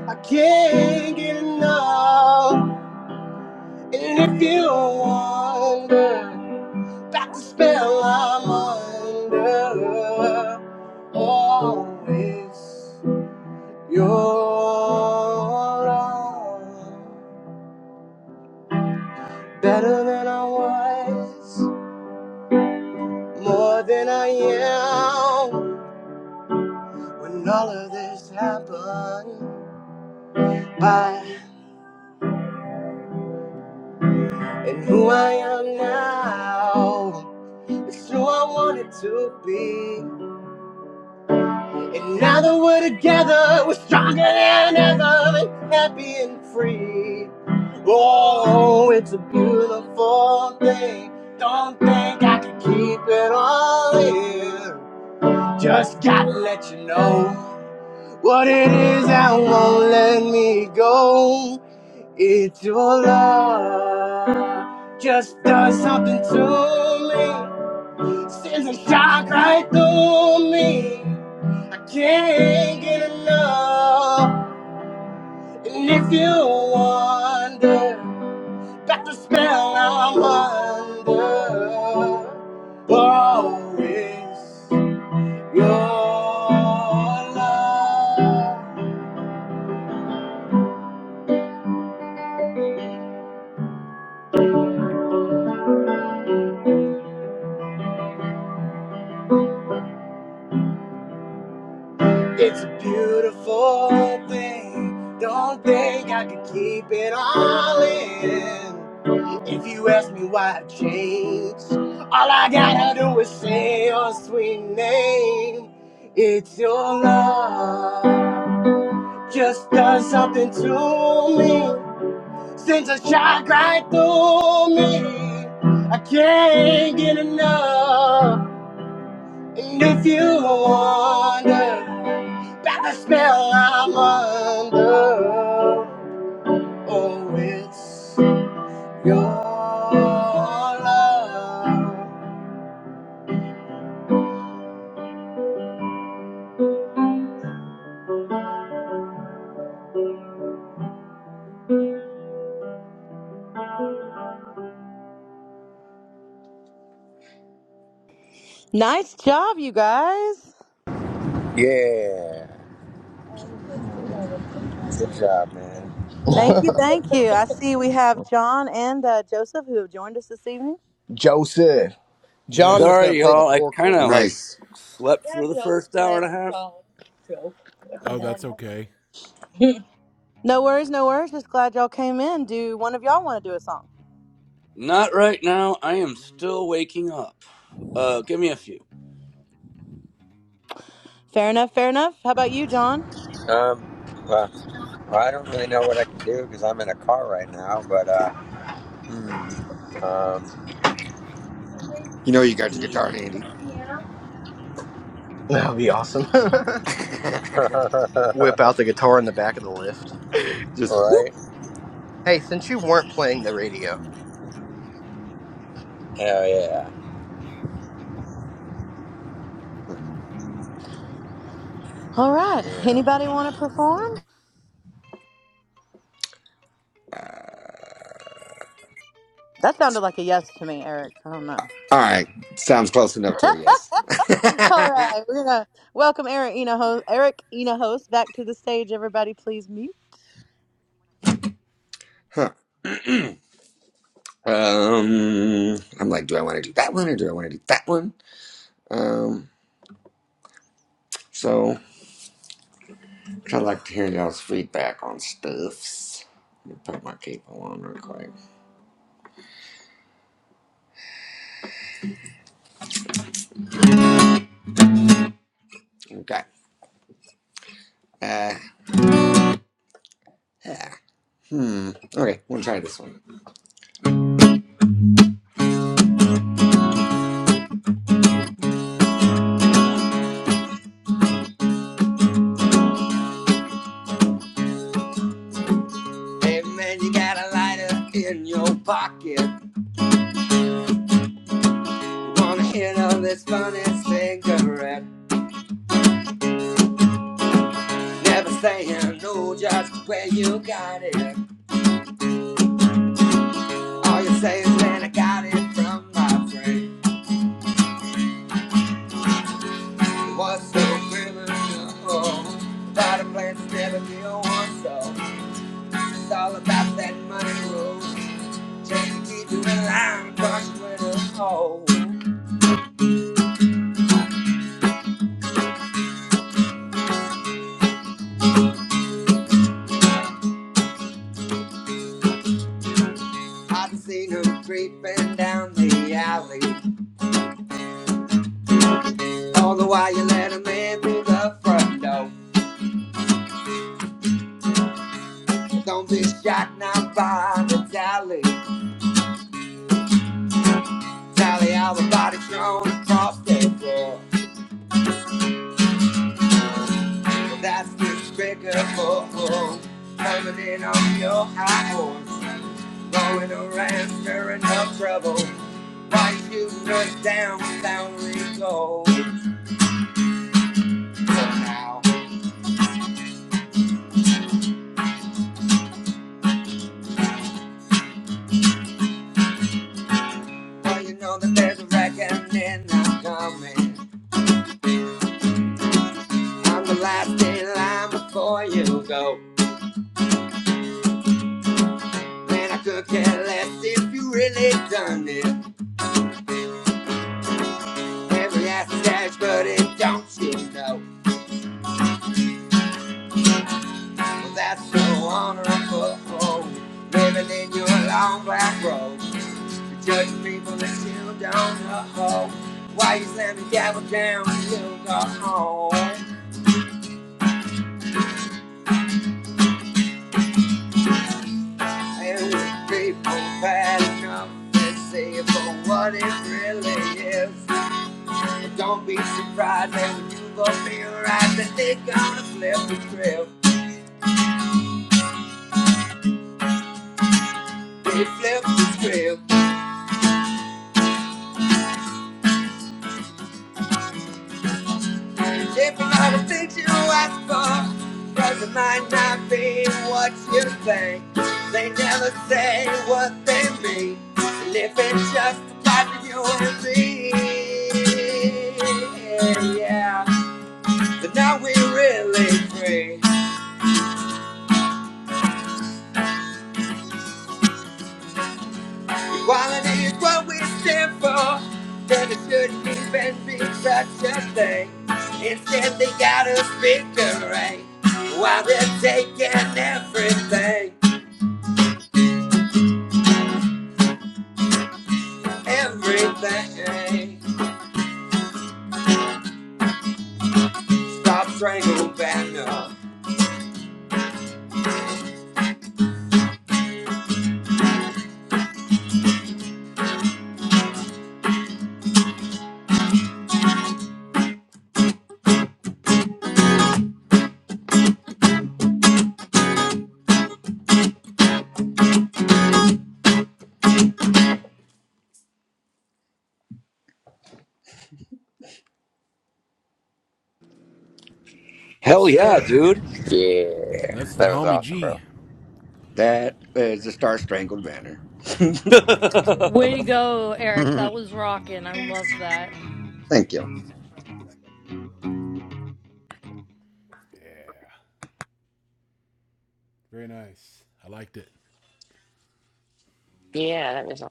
Speaker 1: I can't get enough. And if you wonder about the spell I'm under, always your love. Better than I was, more than I am. When all of this happened. I am who I am now. It's who I wanted to be. And now that we're together, we're stronger than ever and happy and free. Oh, it's a beautiful thing. Don't think I can keep it all here. Just gotta let you know what it is that won't let me go. It's your love just does something to me. Sends a shock right through me. I can't get enough. And if you wonder about the spell I'm under, oh, it's your love. It's a beautiful thing. Don't think I could keep it all in. If you ask me why I've changed, all I gotta do is say your sweet name. It's your love. Just done something to me. Sends a shock right through me. I can't get enough. And if you wonder. By the spell I'm under, oh, it's your
Speaker 2: Nice job, you guys.
Speaker 9: Yeah,
Speaker 1: love.
Speaker 9: good job, man.
Speaker 2: Thank you, thank you. I see we have John and uh, Joseph who have joined us this evening.
Speaker 1: Joseph. John was
Speaker 4: Yeah.
Speaker 1: going
Speaker 10: Sorry,
Speaker 1: to play the
Speaker 10: y'all. I
Speaker 1: fork
Speaker 10: kind
Speaker 1: for
Speaker 10: of
Speaker 1: us.
Speaker 10: like
Speaker 5: Nice.
Speaker 10: slept
Speaker 1: Yeah,
Speaker 10: for the
Speaker 1: Yeah. Joe.
Speaker 10: first hour
Speaker 1: Great.
Speaker 10: and a half.
Speaker 1: John, what the
Speaker 4: Oh,
Speaker 1: hell?
Speaker 4: that's
Speaker 1: am I
Speaker 4: okay.
Speaker 2: No worries, no worries. Just glad y'all came in. Do one of y'all want to do a song?
Speaker 10: Not right now. I am still waking up. Uh, give me a few.
Speaker 2: Fair enough, fair enough. How about you, John?
Speaker 9: Um, well, I don't really know what I can do because I'm in a car right now, but uh, hmm, um,
Speaker 5: You know you got your guitar handy.
Speaker 1: doing? Yeah. That would be awesome. Whip out the guitar in the back of the lift.
Speaker 5: Just whoop.
Speaker 9: right?
Speaker 1: Hey, since you weren't playing the radio,
Speaker 9: Hell yeah,
Speaker 2: All right.
Speaker 9: yeah,
Speaker 2: Anybody want to perform? That sounded like a yes to me, Eric. I don't know.
Speaker 5: All right, sounds close enough to a yes.
Speaker 2: All right, we're gonna welcome Eric Enohost, Eric Enohost back to the stage. Everybody, please mute.
Speaker 5: Huh. Um, I'm like, do I want to do that one or do I want to do that one? Um, so I like to hear y'all's feedback on stuffs. Let me put my cable on real quick. Okay. Uh, yeah. Hmm. Okay, we'll try this one. Hey man, you got a lighter in your pocket. Wanna hit on this funny cigarette? Never saying no, just where you got it. All you say is, man, I got it from my friend. It was so criminal. but a plan to never deal one so. It's all about that money rule. Just to keep you in line, crush you in a hole. I can see them creeping down the alley. All the while you let 'em in through the front door. don't be shy. Tally all the bodies thrown across the floor. Coming in on your high. Going around stirring up trouble. Why shooting us down without we now, well, you know that there's a reckoning that's coming. I'm the last in line before you go. Man, I could care less if you really done it. Every ass is cash, but it don't you know? Well, that's so honorable. Living in your long black robe. Judge people let's kneel down her hole. Why you slam the gavel down and you go home? And with people bad enough to see it for what it really is. And don't be surprised that when you go be right that they gonna flip the script. They flip the script. If all the things you ask for, friends it might not be what you think. They never say what they mean, and if it's just about you and me, yeah. But now we are really free. Equality is what we stand for. Then it shouldn't even be such a thing. Instead, they gotta speak the right while they're taking everything. everything. Stop strangled banner.
Speaker 4: Yes,
Speaker 10: Hell yeah,
Speaker 4: sir.
Speaker 10: dude.
Speaker 9: yeah.
Speaker 4: That's the
Speaker 9: That was
Speaker 4: homie
Speaker 9: awesome,
Speaker 4: G.
Speaker 9: bro.
Speaker 5: That is the Star Strangled Banner. Thank
Speaker 10: Hell
Speaker 8: Way to go, Eric. That was rocking. I loved that.
Speaker 5: you.
Speaker 4: Yeah. Very nice. I liked it.
Speaker 11: Yeah, that was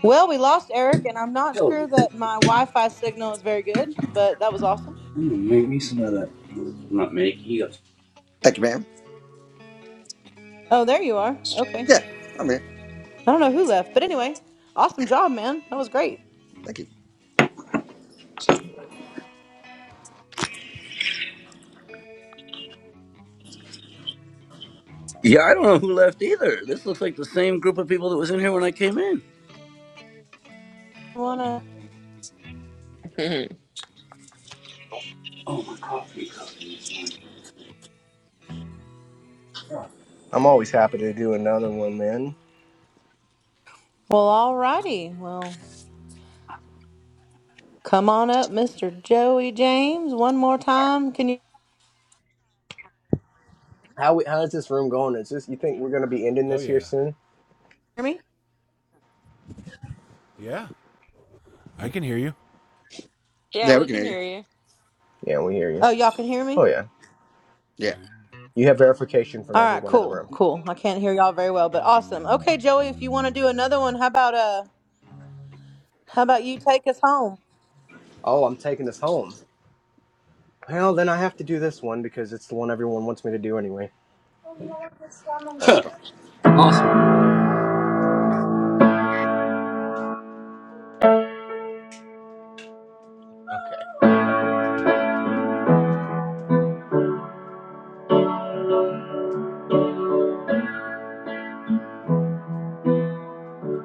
Speaker 2: Well, we lost Eric, and I'm not
Speaker 10: yeah.
Speaker 2: sure that my Wi-Fi signal is very good, but that was awesome.
Speaker 10: dude. Not me. He goes.
Speaker 5: Thank you, ma'am.
Speaker 2: Oh, there you are. Okay.
Speaker 5: Yeah, I'm here.
Speaker 2: I don't know who left, but anyway, awesome job, man. That was great.
Speaker 5: Thank you.
Speaker 10: Yeah, I don't know who left either. This looks like the same group of people that was in here when I came in.
Speaker 2: Wanna?
Speaker 11: awesome.
Speaker 10: Oh my coffee cup.
Speaker 1: I'm always happy to do another one, man.
Speaker 2: Well, alrighty. Well, come on up, Mr. Joey James. One more time. Can you
Speaker 1: How we, how's this room going? Is this you think we're going to be ending
Speaker 4: Oh,
Speaker 1: this here
Speaker 4: yeah.
Speaker 1: soon?
Speaker 2: hear me?
Speaker 4: Yeah. I can hear you.
Speaker 11: Yeah,
Speaker 5: Yeah, we
Speaker 11: we
Speaker 5: can
Speaker 11: can
Speaker 5: hear you.
Speaker 11: hear you.
Speaker 1: Yeah, we hear you.
Speaker 2: Oh, y'all can hear me.
Speaker 1: Oh yeah,
Speaker 5: Yeah,
Speaker 1: you have verification from
Speaker 2: All right,
Speaker 1: everyone in the room.
Speaker 2: cool, cool. I can't hear y'all very well, but awesome. Okay, Joey, if you want to do another one, how about uh, how about you take us home?
Speaker 1: Oh, I'm taking this home. Well, then I have to do this one because it's the one everyone wants me to do anyway.
Speaker 5: all
Speaker 10: Huh.
Speaker 5: the time.
Speaker 10: awesome.
Speaker 1: Okay.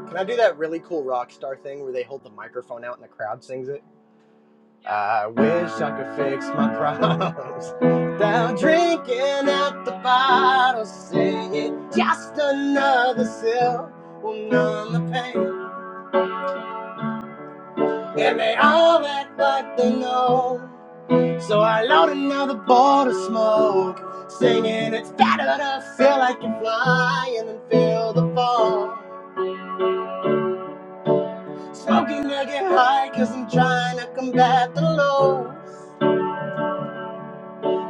Speaker 1: Can I do that really cool rock star thing where they hold the microphone out and the crowd sings it? I wish I could fix my problems without drinking out the bottle, singing just another sip will numb the pain, and they all act like they know. So I load another bowl of smoke, singing it's better to feel like you fly and then feel the fall. Smoking to get high, cause I'm trying to combat the low.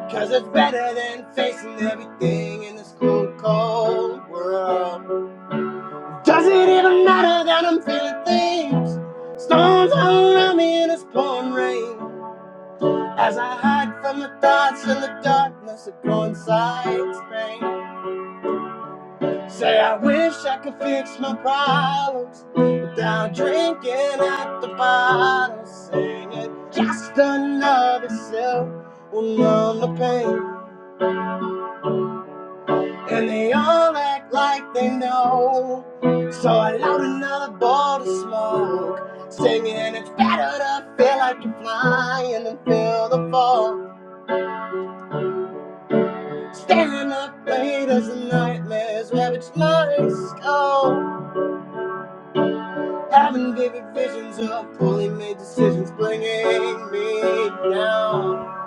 Speaker 1: Cause it's better than facing everything in this cruel, cold world. Does it even matter that I'm feeling things? Storms all around me in this pouring rain. As I hide from the thoughts and the darkness of coincides, pain. Say, I wish I could fix my problems without drinking at the bottle. Singing just another sip will numb the pain. And they all act like they know. So I load another bowl to smoke. Singing, it's better to feel like you're flying than feel the fall. Staring up late as the nightmares ravage my skull. Having vivid visions of poorly made decisions bringing me down.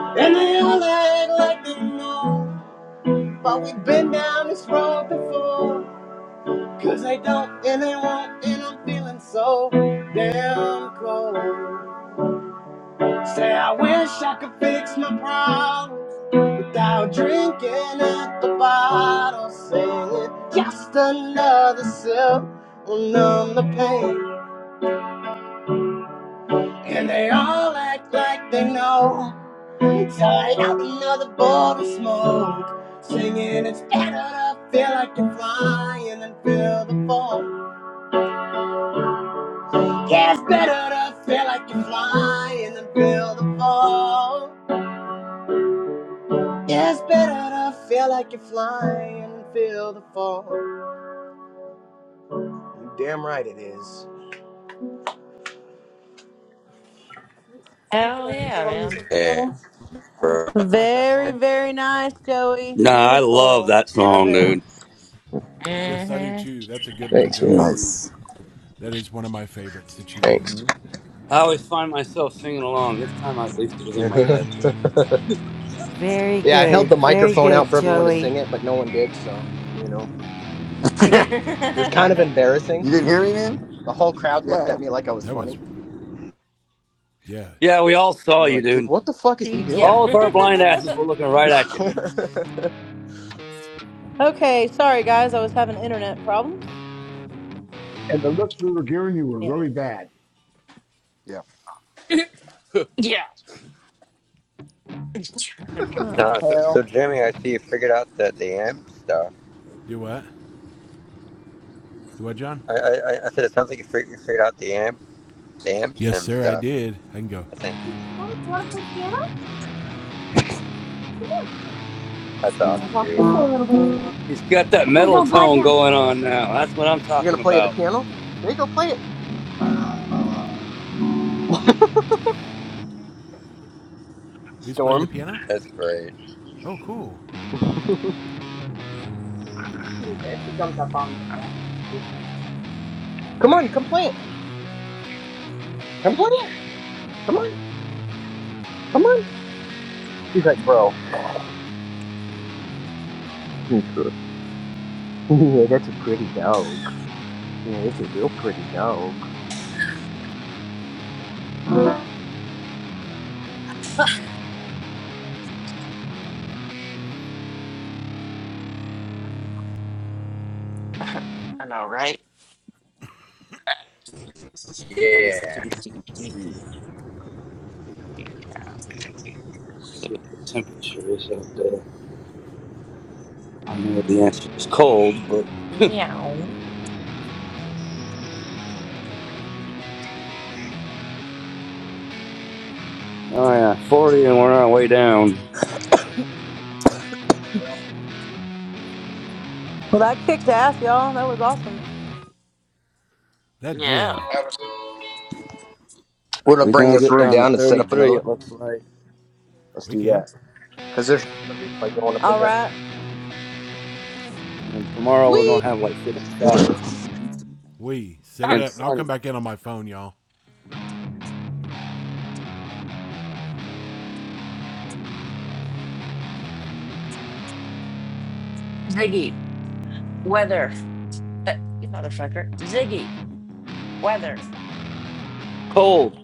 Speaker 1: And they all act like they know. But we've been down this road before. Cause I don't and I won't and I'm feeling so damn cold. Say I wish I could fix my problems without drinking at the bottle. Saying just another sip will numb the pain. And they all act like they know. Tired out another bowl of smoke. Singing it's better to feel like you're flying than feel the fall. Yeah, it's better to feel like you're flying than feel the fall. Yeah, it's better to feel like you're flying than feel the fall. You damn right it is.
Speaker 11: Hell yeah, man.
Speaker 9: yeah, bro.
Speaker 11: I like that
Speaker 2: Very,
Speaker 11: song.
Speaker 2: very nice, Joey.
Speaker 10: Nah, I love
Speaker 2: Beautiful.
Speaker 10: that
Speaker 2: Love
Speaker 10: song,
Speaker 2: it.
Speaker 10: dude.
Speaker 4: Yes, I do
Speaker 11: hmm
Speaker 4: too. That's a good one,
Speaker 1: Thanks, man.
Speaker 4: Joey.
Speaker 5: Nice.
Speaker 4: That is one of my favorites that you do.
Speaker 1: Thanks.
Speaker 10: I always find myself singing along. This time, I, at least it was in my head. But
Speaker 1: yeah,
Speaker 3: Very
Speaker 1: I held the
Speaker 3: good. Very
Speaker 1: microphone out
Speaker 3: good,
Speaker 1: for everyone to sing
Speaker 3: Joey.
Speaker 1: it, but no one did, so you know.
Speaker 5: you
Speaker 1: It was kind of
Speaker 11: yeah.
Speaker 1: embarrassing.
Speaker 5: didn't hear me, man.
Speaker 1: The whole crowd
Speaker 5: Yeah,
Speaker 1: looked at
Speaker 5: yeah.
Speaker 1: me like I was
Speaker 4: That
Speaker 1: funny.
Speaker 4: was,
Speaker 1: And
Speaker 4: yeah.
Speaker 10: yeah, we all saw
Speaker 1: they're
Speaker 10: you,
Speaker 1: like, dude,
Speaker 10: dude.
Speaker 1: what the fuck is he
Speaker 11: Yeah.
Speaker 10: All
Speaker 1: doing?
Speaker 10: of our blind asses were looking right at you.
Speaker 1: you
Speaker 2: Okay, sorry guys, I was having internet problems.
Speaker 7: And the looks we were giving you were
Speaker 2: Yeah.
Speaker 7: really bad.
Speaker 5: Yeah.
Speaker 11: yeah.
Speaker 2: Oh
Speaker 9: No, so,
Speaker 2: hell.
Speaker 9: so Jimmy, I see you figured out the the amp stuff.
Speaker 4: Do what? Do what, John?
Speaker 9: I I, I I said it sounds like you fig- you figured out the amp the amp
Speaker 4: Yes,
Speaker 9: sim
Speaker 4: sir, I
Speaker 9: stuff.
Speaker 4: did. I can go.
Speaker 9: I think
Speaker 1: you want to play piano?
Speaker 9: that's awesome,
Speaker 1: Walk
Speaker 9: dude.
Speaker 1: this way a little bit.
Speaker 10: He's got that
Speaker 1: Just
Speaker 10: metal
Speaker 1: don't pause
Speaker 10: tone
Speaker 1: down.
Speaker 10: going on now. That's what I'm
Speaker 1: You gonna
Speaker 10: talking
Speaker 1: play the
Speaker 10: about.
Speaker 1: piano? There you go play it.
Speaker 4: Who's playing the
Speaker 1: Storm.
Speaker 4: piano?
Speaker 9: That's great.
Speaker 4: Oh, cool.
Speaker 1: Come on, come play it. Come play it. Come on. Come on. She's like, bro. yeah, that's a pretty dog. Yeah, it's a real pretty dog.
Speaker 11: I know, right?
Speaker 9: Yeah.
Speaker 10: Let's see what the temperature is out there. I know the answer is cold, but
Speaker 11: Meow.
Speaker 10: oh yeah, 40, and we're on our way down. Yeah.
Speaker 2: Well, that kicked ass, y'all. That was awesome.
Speaker 4: That
Speaker 11: Yeah.
Speaker 4: did.
Speaker 1: We're gonna
Speaker 10: We're
Speaker 1: bring
Speaker 10: gonna
Speaker 1: this
Speaker 10: get
Speaker 1: room
Speaker 10: down to
Speaker 1: down and set up another
Speaker 10: 33.
Speaker 1: one.
Speaker 10: It looks like,
Speaker 1: Let's
Speaker 4: We
Speaker 1: do
Speaker 4: can.
Speaker 1: that. Cause there's the replay going up in
Speaker 2: All right.
Speaker 10: and then tomorrow we're
Speaker 2: We
Speaker 10: gonna have like 55.
Speaker 1: here.
Speaker 10: It's gonna be decent
Speaker 4: We set
Speaker 11: Ah,
Speaker 4: it
Speaker 10: and
Speaker 4: up, and I'll come
Speaker 10: sunny.
Speaker 4: back in on my phone, y'all.
Speaker 11: Ziggy, weather. Uh, You motherfucker. Ziggy, weather.
Speaker 10: Cold.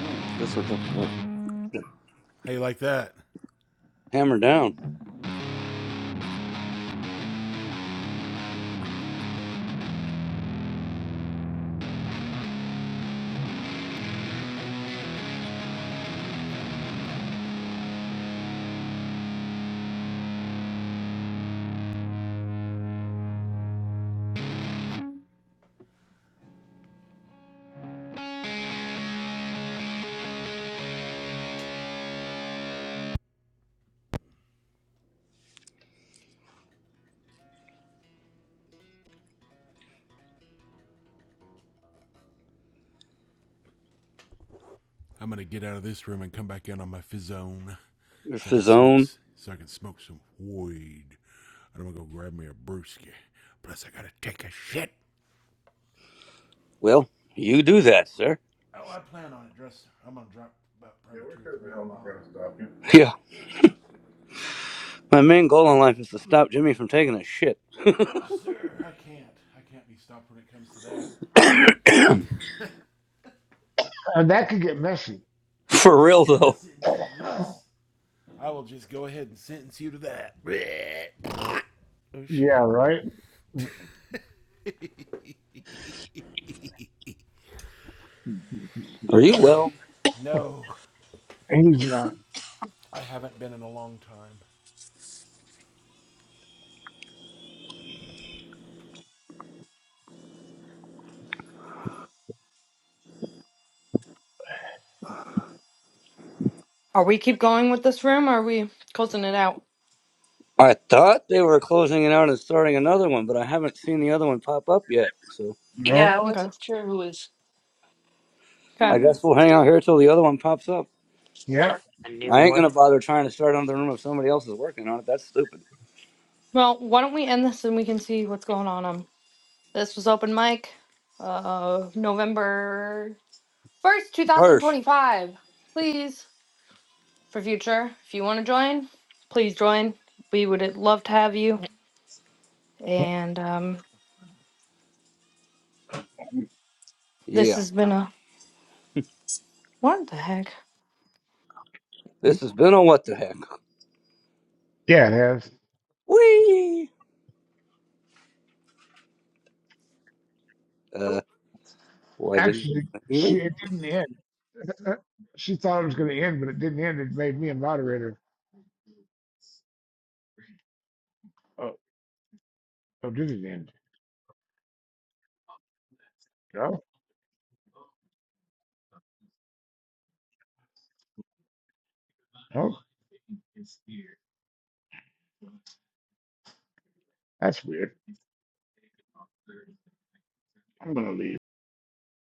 Speaker 5: Mm, just what you- yeah.
Speaker 4: How you like that?
Speaker 10: Hammer down.
Speaker 4: I'm gonna get out of this room and come back in on my fizzone, so
Speaker 10: If
Speaker 4: I can
Speaker 10: his
Speaker 4: smoke.
Speaker 10: own.
Speaker 4: So I can smoke some weed. And I'm gonna go grab me a brewski. Plus, I gotta take a shit.
Speaker 10: Well, you do that, sir.
Speaker 4: Oh, I plan on it, dress. I'm gonna drop about probably two or three of them off.
Speaker 10: Yeah. My main goal in life is to stop Jimmy from taking a shit.
Speaker 4: No, sir, I can't. I can't be stopped when it comes to that.
Speaker 7: And that could get messy.
Speaker 4: I'll
Speaker 10: For real
Speaker 4: sit. I'll
Speaker 10: though.
Speaker 4: sentence you to this. I will just go ahead and sentence you to that. Oh
Speaker 7: Yeah,
Speaker 4: shit.
Speaker 7: right?
Speaker 10: Are you
Speaker 4: Okay,
Speaker 10: well?
Speaker 4: No,
Speaker 7: He's not.
Speaker 4: I haven't been in a long time.
Speaker 8: Are we keep going with this room or are we closing it out?
Speaker 10: I thought they were closing it out and starting another one, but I haven't seen the other one pop up yet. So
Speaker 7: Yeah.
Speaker 11: Yeah, I
Speaker 8: Okay.
Speaker 11: wasn't sure who was.
Speaker 10: I
Speaker 8: Okay.
Speaker 10: guess we'll hang out here till the other one pops up.
Speaker 7: Yeah.
Speaker 11: Yeah. A new
Speaker 10: I ain't
Speaker 11: one.
Speaker 10: gonna bother trying to start another room if somebody else is working on it. That's stupid.
Speaker 8: Well, why don't we end this and we can see what's going on? Um. This was open mic, uh, November 1st,
Speaker 10: Cursed.
Speaker 8: 2025. Please, for future, if you want to join, please join. We would love to have you. And um, this
Speaker 10: Yeah.
Speaker 8: has been a what the heck?
Speaker 10: This has been a what the heck.
Speaker 7: Yeah, it has.
Speaker 10: Whee! Uh, why didn't
Speaker 7: Actually,
Speaker 10: you
Speaker 7: she,
Speaker 10: leave?
Speaker 7: it didn't end. she thought it was going to end, but it didn't end. It made me a moderator. Oh, oh did it end? No, Oh, that's weird. I'm going to leave.